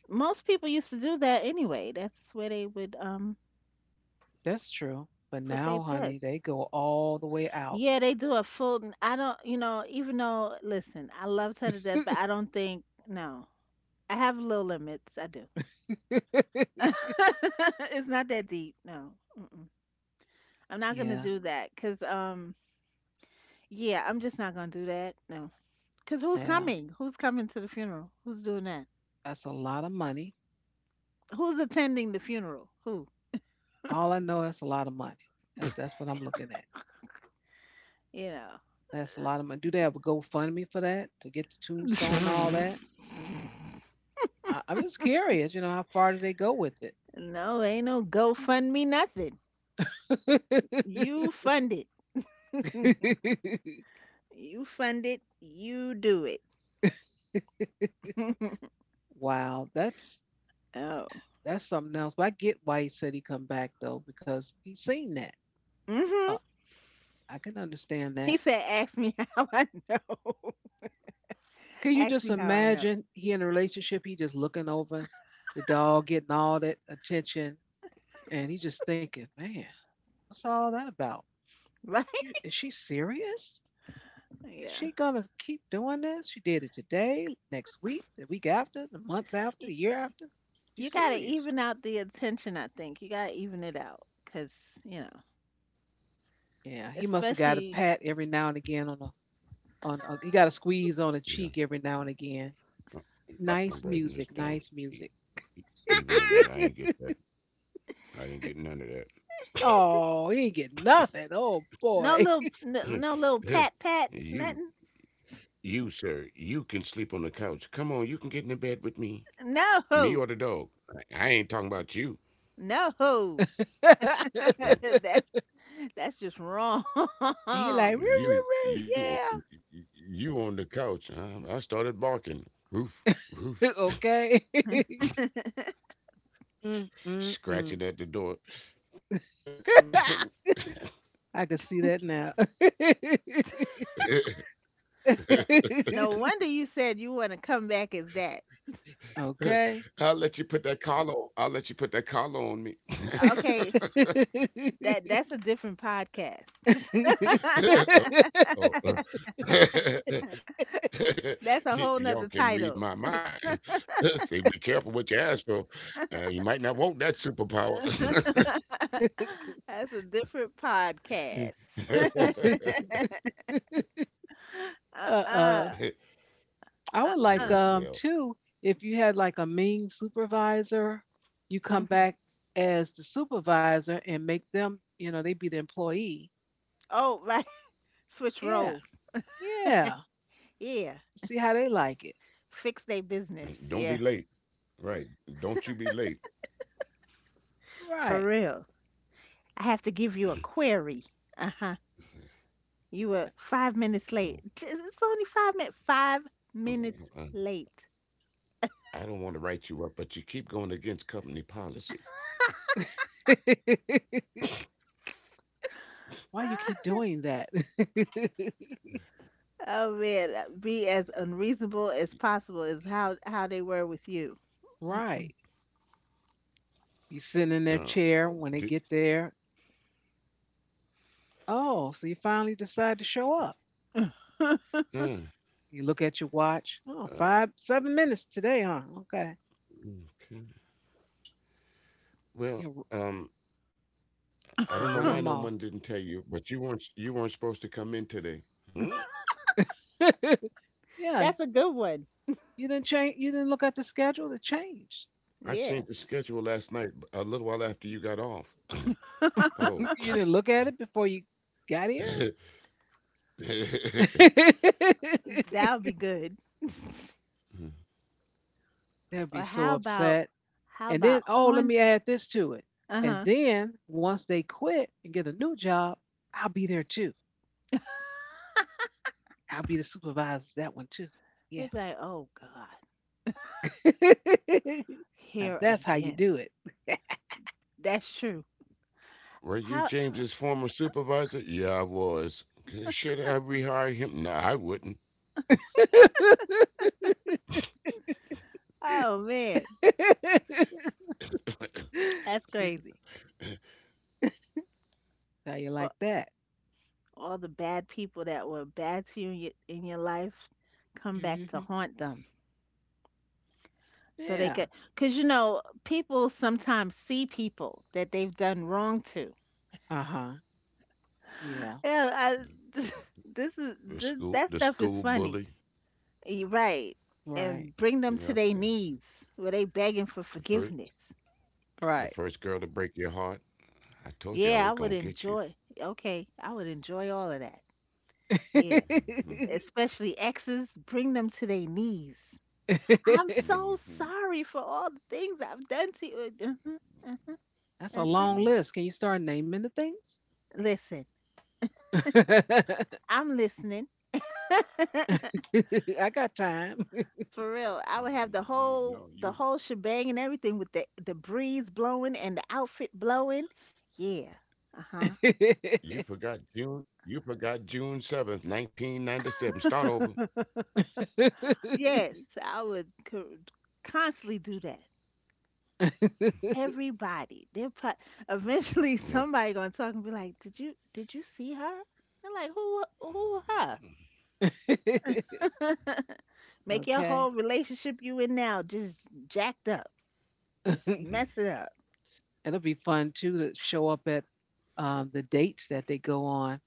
[SPEAKER 2] Most people used to do that anyway. That's where they would um
[SPEAKER 1] That's true. But
[SPEAKER 2] put their
[SPEAKER 1] now, honey,
[SPEAKER 2] pets.
[SPEAKER 1] they go all the way out.
[SPEAKER 2] Yeah, they do a full. I I don't, you know, even though, listen, I love her to death, but I don't think, no, I have low limits. I do. It's not that deep. No, mm-mm. I'm not gonna
[SPEAKER 1] yeah.
[SPEAKER 2] do that. Cause, um, yeah, I'm just not gonna do that. No, cause who's
[SPEAKER 1] Yeah.
[SPEAKER 2] coming? Who's coming to the funeral? Who's doing that?
[SPEAKER 1] That's a lot of money.
[SPEAKER 2] Who's attending the funeral? Who?
[SPEAKER 1] All I know is a lot of money. That's that's what I'm looking at.
[SPEAKER 2] You know,
[SPEAKER 1] That's a lot of money. Do they have a GoFundMe for that to get the tombstone and all that? I, I'm just curious. You know, how far do they go with
[SPEAKER 2] no, ain't no GoFundMe, nothing.
[SPEAKER 1] it?
[SPEAKER 2] You fund it. You fund it. You do it.
[SPEAKER 1] wow, that's
[SPEAKER 2] Oh.
[SPEAKER 1] that's something else. But I get why he said he come back though, because he's seen that.
[SPEAKER 2] Mm.
[SPEAKER 1] Uh,
[SPEAKER 2] Mhm.
[SPEAKER 1] I can understand
[SPEAKER 2] He
[SPEAKER 1] that.
[SPEAKER 2] said, "Ask me how I know."
[SPEAKER 1] Can you
[SPEAKER 2] Ask
[SPEAKER 1] just
[SPEAKER 2] me how I know.
[SPEAKER 1] imagine he in a relationship? He just looking over the dog, getting all that attention, and he just thinking, man, what's all that about?
[SPEAKER 2] Right?
[SPEAKER 1] You- Is she serious? Is
[SPEAKER 2] Yeah.
[SPEAKER 1] she gonna keep doing this? She did it today, next week, the week after, the month after,
[SPEAKER 2] You,
[SPEAKER 1] the year after.
[SPEAKER 2] you
[SPEAKER 1] She's
[SPEAKER 2] got to
[SPEAKER 1] serious.
[SPEAKER 2] even out the attention, I think. You got to even it out cuz, you know,
[SPEAKER 1] Yeah, he must have got a
[SPEAKER 2] especially,
[SPEAKER 1] pat every now and again on a on a, he got a squeeze on a cheek
[SPEAKER 3] Yeah,
[SPEAKER 1] every now and again.
[SPEAKER 3] I-
[SPEAKER 1] Nice
[SPEAKER 3] I'm
[SPEAKER 1] music,
[SPEAKER 3] writing this
[SPEAKER 1] nice
[SPEAKER 3] down.
[SPEAKER 1] music.
[SPEAKER 3] E- Even it out, I ain't get that. I didn't get none of
[SPEAKER 1] Oh, he ain't get nothing. Oh
[SPEAKER 2] no
[SPEAKER 1] boy.
[SPEAKER 2] little, no, no little
[SPEAKER 3] that.
[SPEAKER 2] pat pat
[SPEAKER 3] you,
[SPEAKER 2] nothing.
[SPEAKER 3] you, sir, you can sleep on the couch. Come on, you can get in the bed with me.
[SPEAKER 2] No.
[SPEAKER 3] Me or the dog. I I ain't talking about you.
[SPEAKER 2] No. That's that's just wrong.
[SPEAKER 1] he like roo roo
[SPEAKER 3] You
[SPEAKER 1] roo,
[SPEAKER 3] you
[SPEAKER 1] yeah.
[SPEAKER 3] you on the couch. I, I started barking. Roof, roof,
[SPEAKER 1] okay. mm, mm, mm.
[SPEAKER 3] scratching at the door. Can I come in?
[SPEAKER 1] I can see that now.
[SPEAKER 2] No, no wonder you said you want to come back as that.
[SPEAKER 1] okay.
[SPEAKER 3] I'll let you put that collar. on- I'll let you put that collar on me.
[SPEAKER 2] Okay, that that's a different podcast.
[SPEAKER 3] oh, oh, uh.
[SPEAKER 2] That's a whole
[SPEAKER 3] Y'all
[SPEAKER 2] nother
[SPEAKER 3] can read my
[SPEAKER 2] title.
[SPEAKER 3] mind. Say, be careful what you ask for. Uh, you might not want that superpower.
[SPEAKER 2] That's a different podcast.
[SPEAKER 1] uh
[SPEAKER 2] Uh-uh.
[SPEAKER 1] oh. I would like
[SPEAKER 2] Uh-uh.
[SPEAKER 1] um
[SPEAKER 3] well,
[SPEAKER 1] too, if you had like a mean supervisor, you come
[SPEAKER 2] Hmm.
[SPEAKER 1] back as the supervisor and make them, you know, they be the employee.
[SPEAKER 2] Oh, right. Switch
[SPEAKER 1] Yeah,
[SPEAKER 2] role.
[SPEAKER 1] yeah.
[SPEAKER 2] Yeah.
[SPEAKER 1] See how they like it.
[SPEAKER 2] Fix their business.
[SPEAKER 3] don't
[SPEAKER 2] Yeah.
[SPEAKER 3] be late. Right. Don't you be late.
[SPEAKER 2] For
[SPEAKER 1] Right.
[SPEAKER 2] real. I have to give you a query. Uh-huh. You were five minutes late.
[SPEAKER 3] know,
[SPEAKER 2] J- It's only five minutes. Five
[SPEAKER 3] I'm- I'm-
[SPEAKER 2] minutes
[SPEAKER 3] I am
[SPEAKER 2] late.
[SPEAKER 3] i do not want to write you up, but you keep going against company policy.
[SPEAKER 1] Why you keep doing that?
[SPEAKER 2] Oh man, uh, be as unreasonable as possible is how how they were with you.
[SPEAKER 1] right. You sitting in their
[SPEAKER 3] Uh,
[SPEAKER 1] chair when they
[SPEAKER 3] do,
[SPEAKER 1] get there. Oh, so you finally decide to show up.
[SPEAKER 2] Mm-mm.
[SPEAKER 3] uh,
[SPEAKER 1] You look at your watch. Oh,
[SPEAKER 3] uh,
[SPEAKER 1] five, seven minutes today, huh? Okay.
[SPEAKER 3] okay.
[SPEAKER 1] You'll,
[SPEAKER 3] Well, um, I
[SPEAKER 1] you'll
[SPEAKER 3] don't know
[SPEAKER 1] run
[SPEAKER 3] why
[SPEAKER 1] them
[SPEAKER 3] no
[SPEAKER 1] off.
[SPEAKER 3] one didn't tell you, but you weren't you weren't supposed to come in today. Hmm?
[SPEAKER 1] yeah,
[SPEAKER 2] That's a good one.
[SPEAKER 1] You didn't change. You didn't look at the schedule. It changed.
[SPEAKER 3] I
[SPEAKER 2] Yeah.
[SPEAKER 3] changed the schedule last night a little while after you got off.
[SPEAKER 1] you
[SPEAKER 3] Oh,
[SPEAKER 1] didn't look at it before you got here. they
[SPEAKER 2] That would be good.
[SPEAKER 1] will be
[SPEAKER 2] Or
[SPEAKER 1] so
[SPEAKER 2] how about
[SPEAKER 1] upset.
[SPEAKER 2] how
[SPEAKER 1] And then,
[SPEAKER 2] about
[SPEAKER 1] oh, let
[SPEAKER 2] haunt?
[SPEAKER 1] me add this to it.
[SPEAKER 2] Uh
[SPEAKER 1] And
[SPEAKER 2] huh.
[SPEAKER 1] then once they quit and get a new job, I'll be there too. I'll be the supervisor to that one too.
[SPEAKER 2] They'd
[SPEAKER 1] Yeah.
[SPEAKER 2] be like, oh God,
[SPEAKER 1] now
[SPEAKER 2] here
[SPEAKER 1] that's how you
[SPEAKER 2] again.
[SPEAKER 1] do it.
[SPEAKER 2] That's true.
[SPEAKER 3] were you
[SPEAKER 2] How?
[SPEAKER 3] James's former supervisor? Yeah, I was. Okay, should I rehire him? No, I wouldn't.
[SPEAKER 2] Oh man, that's crazy.
[SPEAKER 1] now you like
[SPEAKER 2] A-
[SPEAKER 1] that.
[SPEAKER 2] All the bad people that were bad to you in your, in your life come
[SPEAKER 1] Mm
[SPEAKER 2] back to
[SPEAKER 1] hmm
[SPEAKER 2] haunt them. So they
[SPEAKER 1] Yeah.
[SPEAKER 2] could, because you know, people sometimes see people that they've done wrong to.
[SPEAKER 1] Uh huh. Yeah.
[SPEAKER 2] Yeah, I, this
[SPEAKER 3] The
[SPEAKER 2] is
[SPEAKER 3] school,
[SPEAKER 2] this,
[SPEAKER 3] the
[SPEAKER 2] that
[SPEAKER 3] school
[SPEAKER 2] stuff is
[SPEAKER 3] bully.
[SPEAKER 2] funny. You're right.
[SPEAKER 1] Right.
[SPEAKER 2] And bring
[SPEAKER 3] Yep.
[SPEAKER 2] them to
[SPEAKER 3] The,
[SPEAKER 2] their knees where they begging for
[SPEAKER 3] the fir-
[SPEAKER 2] forgiveness.
[SPEAKER 3] The
[SPEAKER 1] Right.
[SPEAKER 3] first girl to break your heart. I told you I
[SPEAKER 2] Yeah, I
[SPEAKER 3] was
[SPEAKER 2] would
[SPEAKER 3] gonna get you.
[SPEAKER 2] enjoy. Okay, I would enjoy all of that. Yeah,
[SPEAKER 3] Hmm
[SPEAKER 2] especially exes, bring them to their knees. I'm so
[SPEAKER 3] hmm
[SPEAKER 2] sorry for all the things I've done to you. Uh-huh, uh-huh.
[SPEAKER 1] That's a
[SPEAKER 2] Uh-huh.
[SPEAKER 3] Yeah, I
[SPEAKER 1] long
[SPEAKER 3] know.
[SPEAKER 1] list. Can you start naming the things?
[SPEAKER 2] Listen, I'm listening.
[SPEAKER 1] I got time.
[SPEAKER 2] For real, I would
[SPEAKER 3] Mhm. I
[SPEAKER 2] have the
[SPEAKER 3] knew- No,
[SPEAKER 2] whole
[SPEAKER 3] you
[SPEAKER 2] the whole shebang and everything with the the breeze blowing and the outfit blowing. Yeah. Uh-huh.
[SPEAKER 3] you forgot June. You forgot June seventh, nineteen ninety seven. Start over.
[SPEAKER 2] Yes, I would co- constantly do that. Everybody, they're pro- eventually
[SPEAKER 3] Yeah.
[SPEAKER 2] somebody gonna talk and be like, "Did you did you see her?" They're like, "Who who her?" Make your
[SPEAKER 1] okay.
[SPEAKER 2] whole relationship you in now just jacked up, just mess it
[SPEAKER 3] Mm.
[SPEAKER 2] up.
[SPEAKER 1] It'll be fun too to show up at um, the dates that they go on.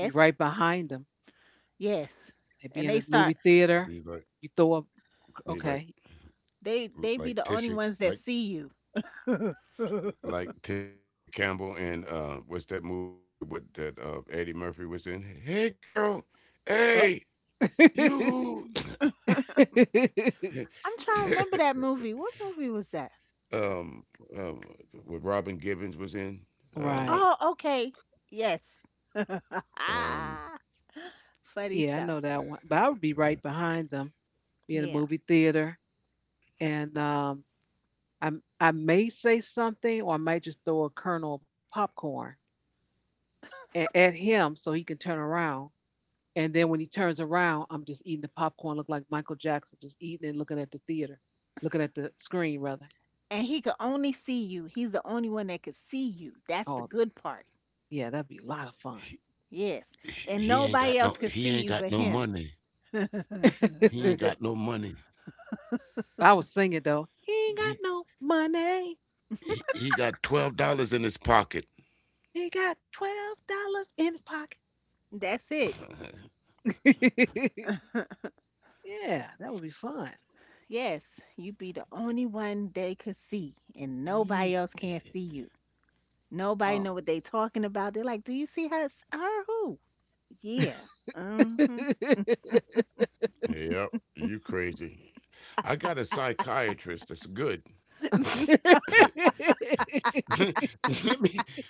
[SPEAKER 1] Be right behind them.
[SPEAKER 2] yes,
[SPEAKER 1] They'd be
[SPEAKER 2] and
[SPEAKER 1] in
[SPEAKER 2] they
[SPEAKER 1] the
[SPEAKER 2] start
[SPEAKER 1] movie theater.
[SPEAKER 3] Be like
[SPEAKER 1] You throw up,
[SPEAKER 3] be
[SPEAKER 1] okay.
[SPEAKER 3] like
[SPEAKER 2] they they be the only
[SPEAKER 3] like
[SPEAKER 2] ones that
[SPEAKER 3] Tisha
[SPEAKER 2] see you.
[SPEAKER 3] like
[SPEAKER 2] I'm trying
[SPEAKER 3] like Tisha Campbell and uh, what's that movie with that uh, Eddie Murphy was in? Hey girl,
[SPEAKER 1] Oh.
[SPEAKER 3] hey you.
[SPEAKER 2] to remember that movie. What movie was that?
[SPEAKER 3] um, um, what Robin Gibbons was in.
[SPEAKER 1] right.
[SPEAKER 2] Oh,
[SPEAKER 3] Um,
[SPEAKER 2] okay. Yes.
[SPEAKER 3] Um,
[SPEAKER 2] Funny
[SPEAKER 1] Yeah, I
[SPEAKER 2] stuff.
[SPEAKER 1] know that one, but I would be right behind them, be in the
[SPEAKER 2] Yeah.
[SPEAKER 1] movie theater, and um, I I may say something, or I might just throw a kernel of popcorn at, at him so he can turn around. And then when he turns around, I'm just eating the popcorn, look like Michael Jackson, just eating and looking at the theater, looking at the screen rather.
[SPEAKER 2] And he could only see you. He's the only one that could see you. That's the
[SPEAKER 1] Oh,
[SPEAKER 2] good part.
[SPEAKER 1] yeah, that'd be a lot of fun.
[SPEAKER 3] he,
[SPEAKER 2] Yes.
[SPEAKER 3] he
[SPEAKER 2] And
[SPEAKER 3] he ain't
[SPEAKER 2] nobody else
[SPEAKER 3] got no
[SPEAKER 2] could see
[SPEAKER 3] he
[SPEAKER 2] you
[SPEAKER 3] ain't
[SPEAKER 2] but
[SPEAKER 3] got no
[SPEAKER 2] him.
[SPEAKER 3] money.
[SPEAKER 2] That's
[SPEAKER 3] He ain't got no money.
[SPEAKER 1] I was singing though. He ain't got
[SPEAKER 3] He
[SPEAKER 1] no money.
[SPEAKER 3] he, he got twelve dollars in his pocket.
[SPEAKER 1] He got twelve dollars in his
[SPEAKER 2] it.
[SPEAKER 1] pocket. Yeah, that would be fun.
[SPEAKER 2] Yes. You be the only one they could see, and nobody
[SPEAKER 1] Mm.
[SPEAKER 2] else can see you. Nobody
[SPEAKER 1] Uh,
[SPEAKER 2] know what they talking about. They're like, "Do you see her? S- Her who?" Yeah. Hmm.
[SPEAKER 3] yep, you crazy. I got a psychiatrist that's good. let me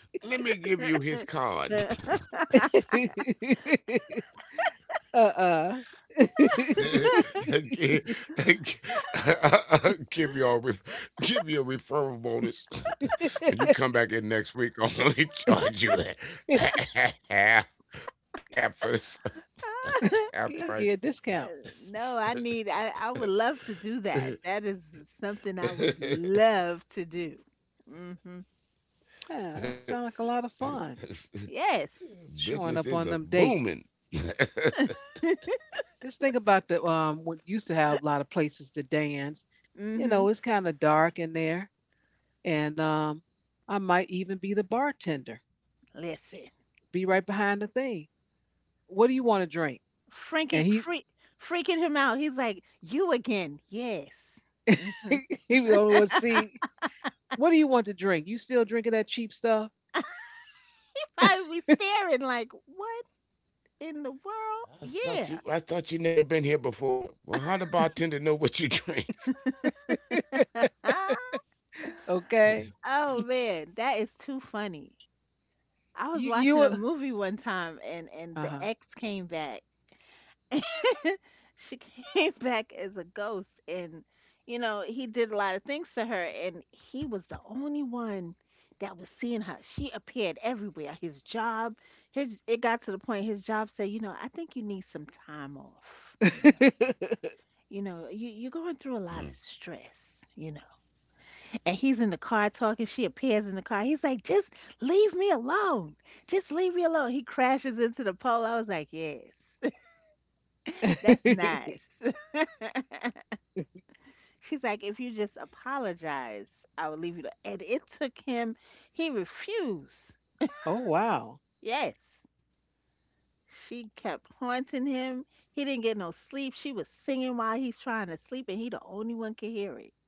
[SPEAKER 3] let me give you his card.
[SPEAKER 1] uh-uh.
[SPEAKER 3] give, give your re- give you a referral bonus when you come back in next week. I'm only charge you half half price. Half
[SPEAKER 1] get, get
[SPEAKER 3] price.
[SPEAKER 1] a discount.
[SPEAKER 2] No, I need. I I would love to do that. That is something I would love to do. Hmm.
[SPEAKER 1] Yeah, that sounds like a lot of fun.
[SPEAKER 2] Yes.
[SPEAKER 1] Showing
[SPEAKER 3] Business
[SPEAKER 1] up
[SPEAKER 3] is
[SPEAKER 1] on
[SPEAKER 3] a
[SPEAKER 1] them dates.
[SPEAKER 3] booming.
[SPEAKER 1] Just think about the um what used to have a lot of places to dance. You know,
[SPEAKER 2] Hmm.
[SPEAKER 1] it's kind of dark in there, and um, I might even be the bartender,
[SPEAKER 2] Listen,
[SPEAKER 1] be right behind the thing. What do you want to drink? And
[SPEAKER 2] freaking
[SPEAKER 1] he
[SPEAKER 2] freak freaking him out. He's like, "You again?" Yes. Hmm.
[SPEAKER 1] he be the only one see. What do you want to drink? You still drinking that cheap stuff?
[SPEAKER 2] I would be staring like, "What in the
[SPEAKER 3] I
[SPEAKER 2] world?"
[SPEAKER 3] thought you I
[SPEAKER 2] Yeah.
[SPEAKER 3] thought you never been here before. Well, how the bartender know what you drink?
[SPEAKER 1] Okay.
[SPEAKER 2] Oh man, that is too funny. I was
[SPEAKER 1] You
[SPEAKER 2] watching a
[SPEAKER 1] you
[SPEAKER 2] movie one time and and the
[SPEAKER 1] uh-huh.
[SPEAKER 2] ex came back. She came back as a ghost and you know, he did a lot of things to her and he was the only one that was seeing her. She appeared everywhere. His job, his it got to the point his job said, "You know, I think you need some time off. You know. You know, you you're You know, know know. Going through a lot of stress. You know." And he's in the car talking. She appears in the car. He's like, just leave me alone. Just leave me alone. He crashes into the pole. I was like, yes, that's nice. She's like, if you just apologize, I will leave you. Alone." And it took him, he refused.
[SPEAKER 1] oh wow.
[SPEAKER 2] Yes. She kept haunting him. He didn't get no sleep. She was singing while he's trying to sleep, and he the only one could hear it.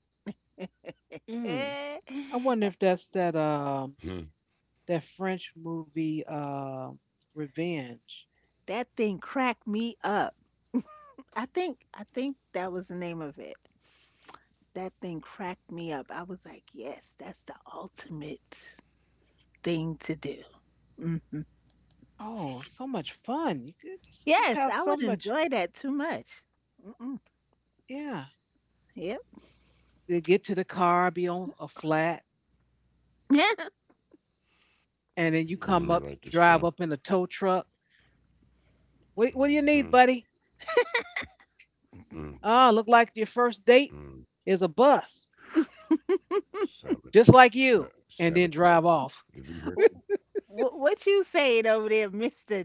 [SPEAKER 1] Mm.
[SPEAKER 2] Eh,
[SPEAKER 1] I wonder
[SPEAKER 2] that
[SPEAKER 1] if that's that
[SPEAKER 3] Mhm.
[SPEAKER 1] um that French movie, uh, Revenge.
[SPEAKER 2] that thing cracked me up. I think I think that was the name of it. That thing cracked me up. I was like, yes, that's the ultimate thing to do. Hmm.
[SPEAKER 1] Oh, so much fun. You could just, just
[SPEAKER 2] Yes,
[SPEAKER 1] have
[SPEAKER 2] I
[SPEAKER 1] so
[SPEAKER 2] would
[SPEAKER 1] much
[SPEAKER 2] enjoy that too much. Mm-mm.
[SPEAKER 1] yeah.
[SPEAKER 2] Yep.
[SPEAKER 1] They get to the car, be on a flat, and then you
[SPEAKER 3] Let me
[SPEAKER 1] come up,
[SPEAKER 3] write this down.
[SPEAKER 1] drive up in a tow truck. What what do
[SPEAKER 3] Hmm
[SPEAKER 1] you need, buddy?
[SPEAKER 3] mm,
[SPEAKER 1] Ah, look like your first
[SPEAKER 3] mm.
[SPEAKER 1] date is a bus,
[SPEAKER 3] Sabot
[SPEAKER 1] just like
[SPEAKER 3] sa
[SPEAKER 1] you, and then drive
[SPEAKER 3] sabotaging
[SPEAKER 1] off.
[SPEAKER 3] the vehicle.
[SPEAKER 2] Wh- what you saying over there, Mister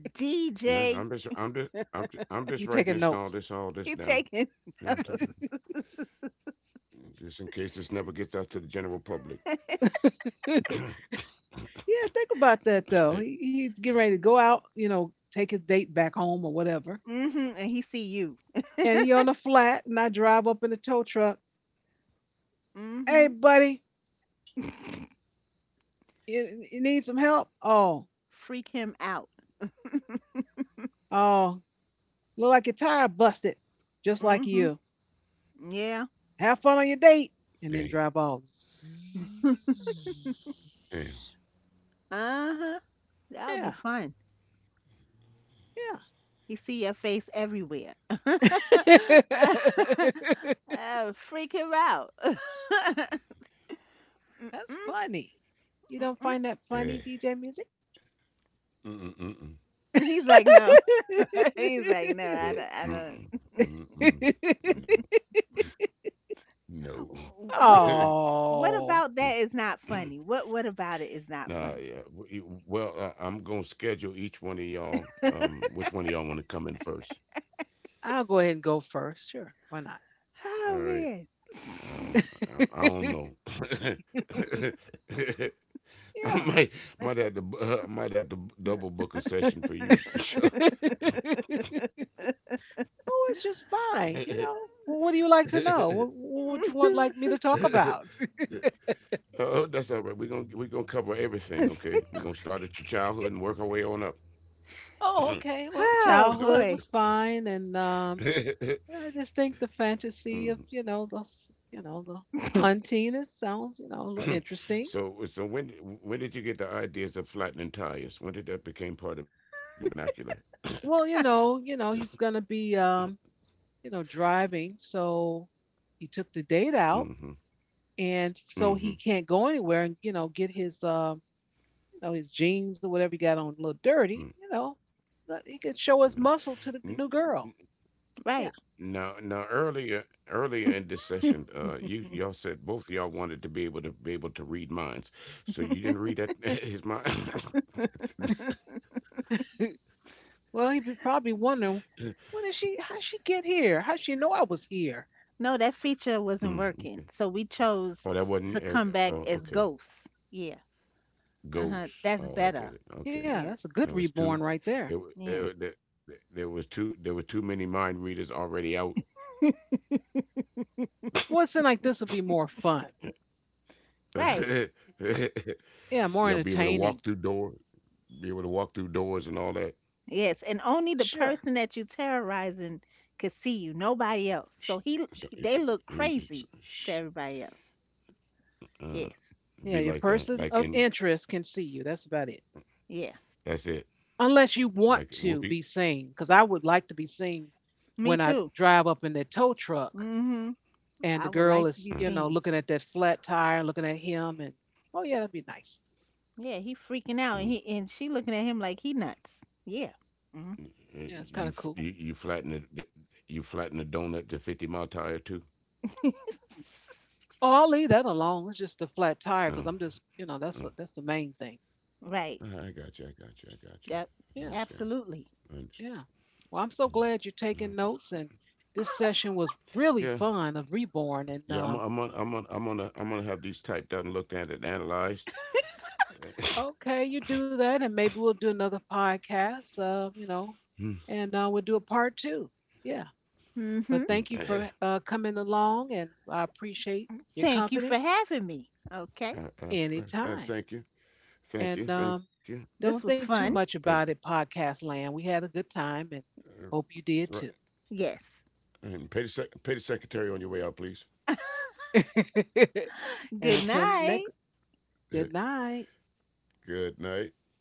[SPEAKER 3] No,
[SPEAKER 2] D J?
[SPEAKER 3] I'm just, I'm just, I'm just, I'm just
[SPEAKER 1] He
[SPEAKER 3] writing
[SPEAKER 1] taking
[SPEAKER 3] this all
[SPEAKER 1] notes.
[SPEAKER 3] this, all this
[SPEAKER 2] He
[SPEAKER 3] down.
[SPEAKER 2] taking.
[SPEAKER 3] Yeah, I'm taking it, just in case this never gets out to the general public.
[SPEAKER 1] yeah, think about that though. He, he's getting ready to go out, you know, take his date back home or whatever.
[SPEAKER 2] Hmm. And he see you.
[SPEAKER 1] And he on the flat, and I drive up in the tow truck. Hey,
[SPEAKER 2] Hmm.
[SPEAKER 1] buddy, you, you need some help? Oh,
[SPEAKER 2] Freak him out.
[SPEAKER 1] oh, look like your tire busted, just like
[SPEAKER 2] Hmm.
[SPEAKER 1] you.
[SPEAKER 2] Yeah.
[SPEAKER 1] Have fun on your date, and then
[SPEAKER 3] Damn,
[SPEAKER 1] drive off.
[SPEAKER 3] damn,
[SPEAKER 2] Uh huh. That'll be
[SPEAKER 1] Yeah,
[SPEAKER 2] fun.
[SPEAKER 1] yeah.
[SPEAKER 2] He see your face everywhere. Uh, freak him out. Mm-mm,
[SPEAKER 1] That's funny. You don't
[SPEAKER 2] mm-mm.
[SPEAKER 1] find that funny, D J
[SPEAKER 3] eh.
[SPEAKER 1] Music?
[SPEAKER 3] Mm, mm, mm,
[SPEAKER 2] He's like, no. He's like, no. I
[SPEAKER 3] mm,
[SPEAKER 2] don't. I
[SPEAKER 3] mm, mm,
[SPEAKER 2] don't.
[SPEAKER 3] mm, mm. No, no.
[SPEAKER 2] What about what
[SPEAKER 1] oh,
[SPEAKER 2] about that is not funny? What what about it is not
[SPEAKER 3] Nah,
[SPEAKER 2] funny?
[SPEAKER 3] yeah. w- you- Well, I, I'm gonna schedule each one of y'all. Um, which one of y'all want to come in first?
[SPEAKER 1] I'll go ahead and go first. Sure, why not?
[SPEAKER 3] All right.
[SPEAKER 2] Oh
[SPEAKER 3] Um, I, I don't know. I might might have to uh, might have to
[SPEAKER 2] man.
[SPEAKER 3] double book a session for you.
[SPEAKER 1] Yeah.
[SPEAKER 3] Sure.
[SPEAKER 1] Oh, it's just fine. You know, Well, what do you like to know? What, what would you want like me to talk about?
[SPEAKER 3] oh, that's all right. We're gonna we're gonna cover everything. Okay, we're gonna start at your childhood and work our way on up.
[SPEAKER 1] oh, okay. Well,
[SPEAKER 2] Oh
[SPEAKER 1] childhood
[SPEAKER 2] boy.
[SPEAKER 1] was fine, and um, I just think the fantasy of
[SPEAKER 3] Mhm.
[SPEAKER 1] you know the s- you know the hunting. It sounds you know a little interesting.
[SPEAKER 3] So so when when did you get the ideas of flattening tires? When did that become part of your vernacular?
[SPEAKER 1] Well, you know, you know he's gonna be um you know driving, so he took the date out,
[SPEAKER 3] Mm-hmm.
[SPEAKER 1] and so he
[SPEAKER 3] Mm-hmm.
[SPEAKER 1] can't go anywhere and you know get his um you know his jeans or whatever he got on a little dirty. You know, but he could show his
[SPEAKER 3] Mm-hmm.
[SPEAKER 1] muscle to the new girl. Yeah.
[SPEAKER 2] Right.
[SPEAKER 3] Now, now earlier earlier in this session, uh, you y'all said both of y'all wanted to be able to be able to read minds. So you didn't read that his mind.
[SPEAKER 1] well, he'd be probably wondering, what is she? How'd she get here? How'd she know I was here?
[SPEAKER 2] No, that feature wasn't
[SPEAKER 3] mm,
[SPEAKER 2] working.
[SPEAKER 3] okay.
[SPEAKER 2] So we chose
[SPEAKER 3] Oh, that
[SPEAKER 2] to
[SPEAKER 3] wasn't.
[SPEAKER 2] come
[SPEAKER 3] Uh,
[SPEAKER 2] back as
[SPEAKER 3] oh, okay.
[SPEAKER 2] ghosts. Yeah. Uh-huh. That's
[SPEAKER 3] Ghosts.
[SPEAKER 2] better.
[SPEAKER 3] Oh, I get it.
[SPEAKER 1] Yeah, that's
[SPEAKER 2] Yeah.
[SPEAKER 1] a
[SPEAKER 3] Okay.
[SPEAKER 1] good reborn
[SPEAKER 3] There was
[SPEAKER 1] right
[SPEAKER 3] too.
[SPEAKER 1] there.
[SPEAKER 3] It, wa-
[SPEAKER 2] Yeah.
[SPEAKER 3] uh, there, there there was too. There were too many mind readers already out.
[SPEAKER 1] Well, it seemed like this would be more fun.
[SPEAKER 2] Right.
[SPEAKER 1] Yeah, more
[SPEAKER 3] y'all be able to walk
[SPEAKER 1] entertaining.
[SPEAKER 3] through door. Be able to walk through doors and all that.
[SPEAKER 2] Yes. And only the
[SPEAKER 1] Sure.
[SPEAKER 2] person that you terrorizing could see you. Nobody else.
[SPEAKER 3] Shh.
[SPEAKER 2] So he,
[SPEAKER 3] So, uh,
[SPEAKER 2] he- they look
[SPEAKER 3] uh,
[SPEAKER 2] crazy
[SPEAKER 3] uh, shh.
[SPEAKER 2] to everybody else.
[SPEAKER 3] Uh,
[SPEAKER 2] Yes.
[SPEAKER 1] Yeah, your
[SPEAKER 3] be like uh,
[SPEAKER 1] person of
[SPEAKER 3] like in
[SPEAKER 1] interest can see you. That's about it.
[SPEAKER 2] Yeah.
[SPEAKER 3] that's it.
[SPEAKER 1] Unless you want
[SPEAKER 3] Like
[SPEAKER 1] to
[SPEAKER 3] whoopee.
[SPEAKER 1] be seen, because I would like to be seen
[SPEAKER 2] Me
[SPEAKER 1] when I
[SPEAKER 2] too.
[SPEAKER 1] drive up in that tow truck
[SPEAKER 2] Mm-hmm.
[SPEAKER 1] and
[SPEAKER 2] I
[SPEAKER 1] the
[SPEAKER 2] would
[SPEAKER 1] girl
[SPEAKER 2] like to
[SPEAKER 1] is,
[SPEAKER 2] be
[SPEAKER 3] Mm,
[SPEAKER 1] you know,
[SPEAKER 2] seen.
[SPEAKER 1] looking at that flat tire, looking at him, and oh yeah, that'd be nice.
[SPEAKER 2] Yeah, he freaking out and
[SPEAKER 3] mm.
[SPEAKER 2] he and she looking at him like he nuts. Yeah. Hmm.
[SPEAKER 1] Yeah, it's
[SPEAKER 3] You,
[SPEAKER 1] kind of
[SPEAKER 3] f- you
[SPEAKER 1] cool.
[SPEAKER 3] you flatten the the- you flatten the donut to fifty mile tire too.
[SPEAKER 1] Oh, I'll leave that alone. It's just the flat tire because I'm
[SPEAKER 3] Mm,
[SPEAKER 1] just, you know, that's the, that's
[SPEAKER 3] mm.
[SPEAKER 1] the main thing.
[SPEAKER 2] Right.
[SPEAKER 3] All right, I got you. I got you. I got
[SPEAKER 2] Yep.
[SPEAKER 3] you.
[SPEAKER 1] Yeah.
[SPEAKER 3] Understand.
[SPEAKER 2] Absolutely.
[SPEAKER 3] Understand.
[SPEAKER 1] Yeah. Well, I'm so glad you're
[SPEAKER 3] Mm. I
[SPEAKER 1] taking
[SPEAKER 3] just-
[SPEAKER 1] notes, and this session was really
[SPEAKER 3] Yeah,
[SPEAKER 1] fun of Reborn. And
[SPEAKER 3] yeah. I'm
[SPEAKER 1] um,
[SPEAKER 3] I'm on, I'm on, I'm gonna I'm gonna have these typed out and looked at and analyzed.
[SPEAKER 1] okay, you do that, and maybe we'll do another podcast. Uh, you know,
[SPEAKER 3] Mm,
[SPEAKER 1] and uh, we'll do a part two. Yeah.
[SPEAKER 2] Mm-hmm.
[SPEAKER 1] But thank you
[SPEAKER 3] mm.
[SPEAKER 1] for uh, coming along, and I appreciate your
[SPEAKER 2] Thank you for
[SPEAKER 1] company
[SPEAKER 2] having me. Okay.
[SPEAKER 3] uh, uh, pr-
[SPEAKER 1] anytime.
[SPEAKER 3] uh, thank you,
[SPEAKER 1] And
[SPEAKER 3] thank
[SPEAKER 1] um,
[SPEAKER 3] you, thank you.
[SPEAKER 2] This
[SPEAKER 1] don't
[SPEAKER 2] was
[SPEAKER 1] think too
[SPEAKER 2] fun.
[SPEAKER 3] You
[SPEAKER 1] much
[SPEAKER 3] know,
[SPEAKER 1] about
[SPEAKER 3] pay
[SPEAKER 1] it,
[SPEAKER 3] the,
[SPEAKER 1] Podcast Land. We had a good time, and
[SPEAKER 3] uh,
[SPEAKER 1] hope you
[SPEAKER 3] right,
[SPEAKER 1] did too.
[SPEAKER 2] Yes.
[SPEAKER 3] and pay the sec- pay the secretary on your way out, please.
[SPEAKER 1] and
[SPEAKER 2] Good
[SPEAKER 1] until
[SPEAKER 2] night.
[SPEAKER 1] next, good night.
[SPEAKER 3] Good night.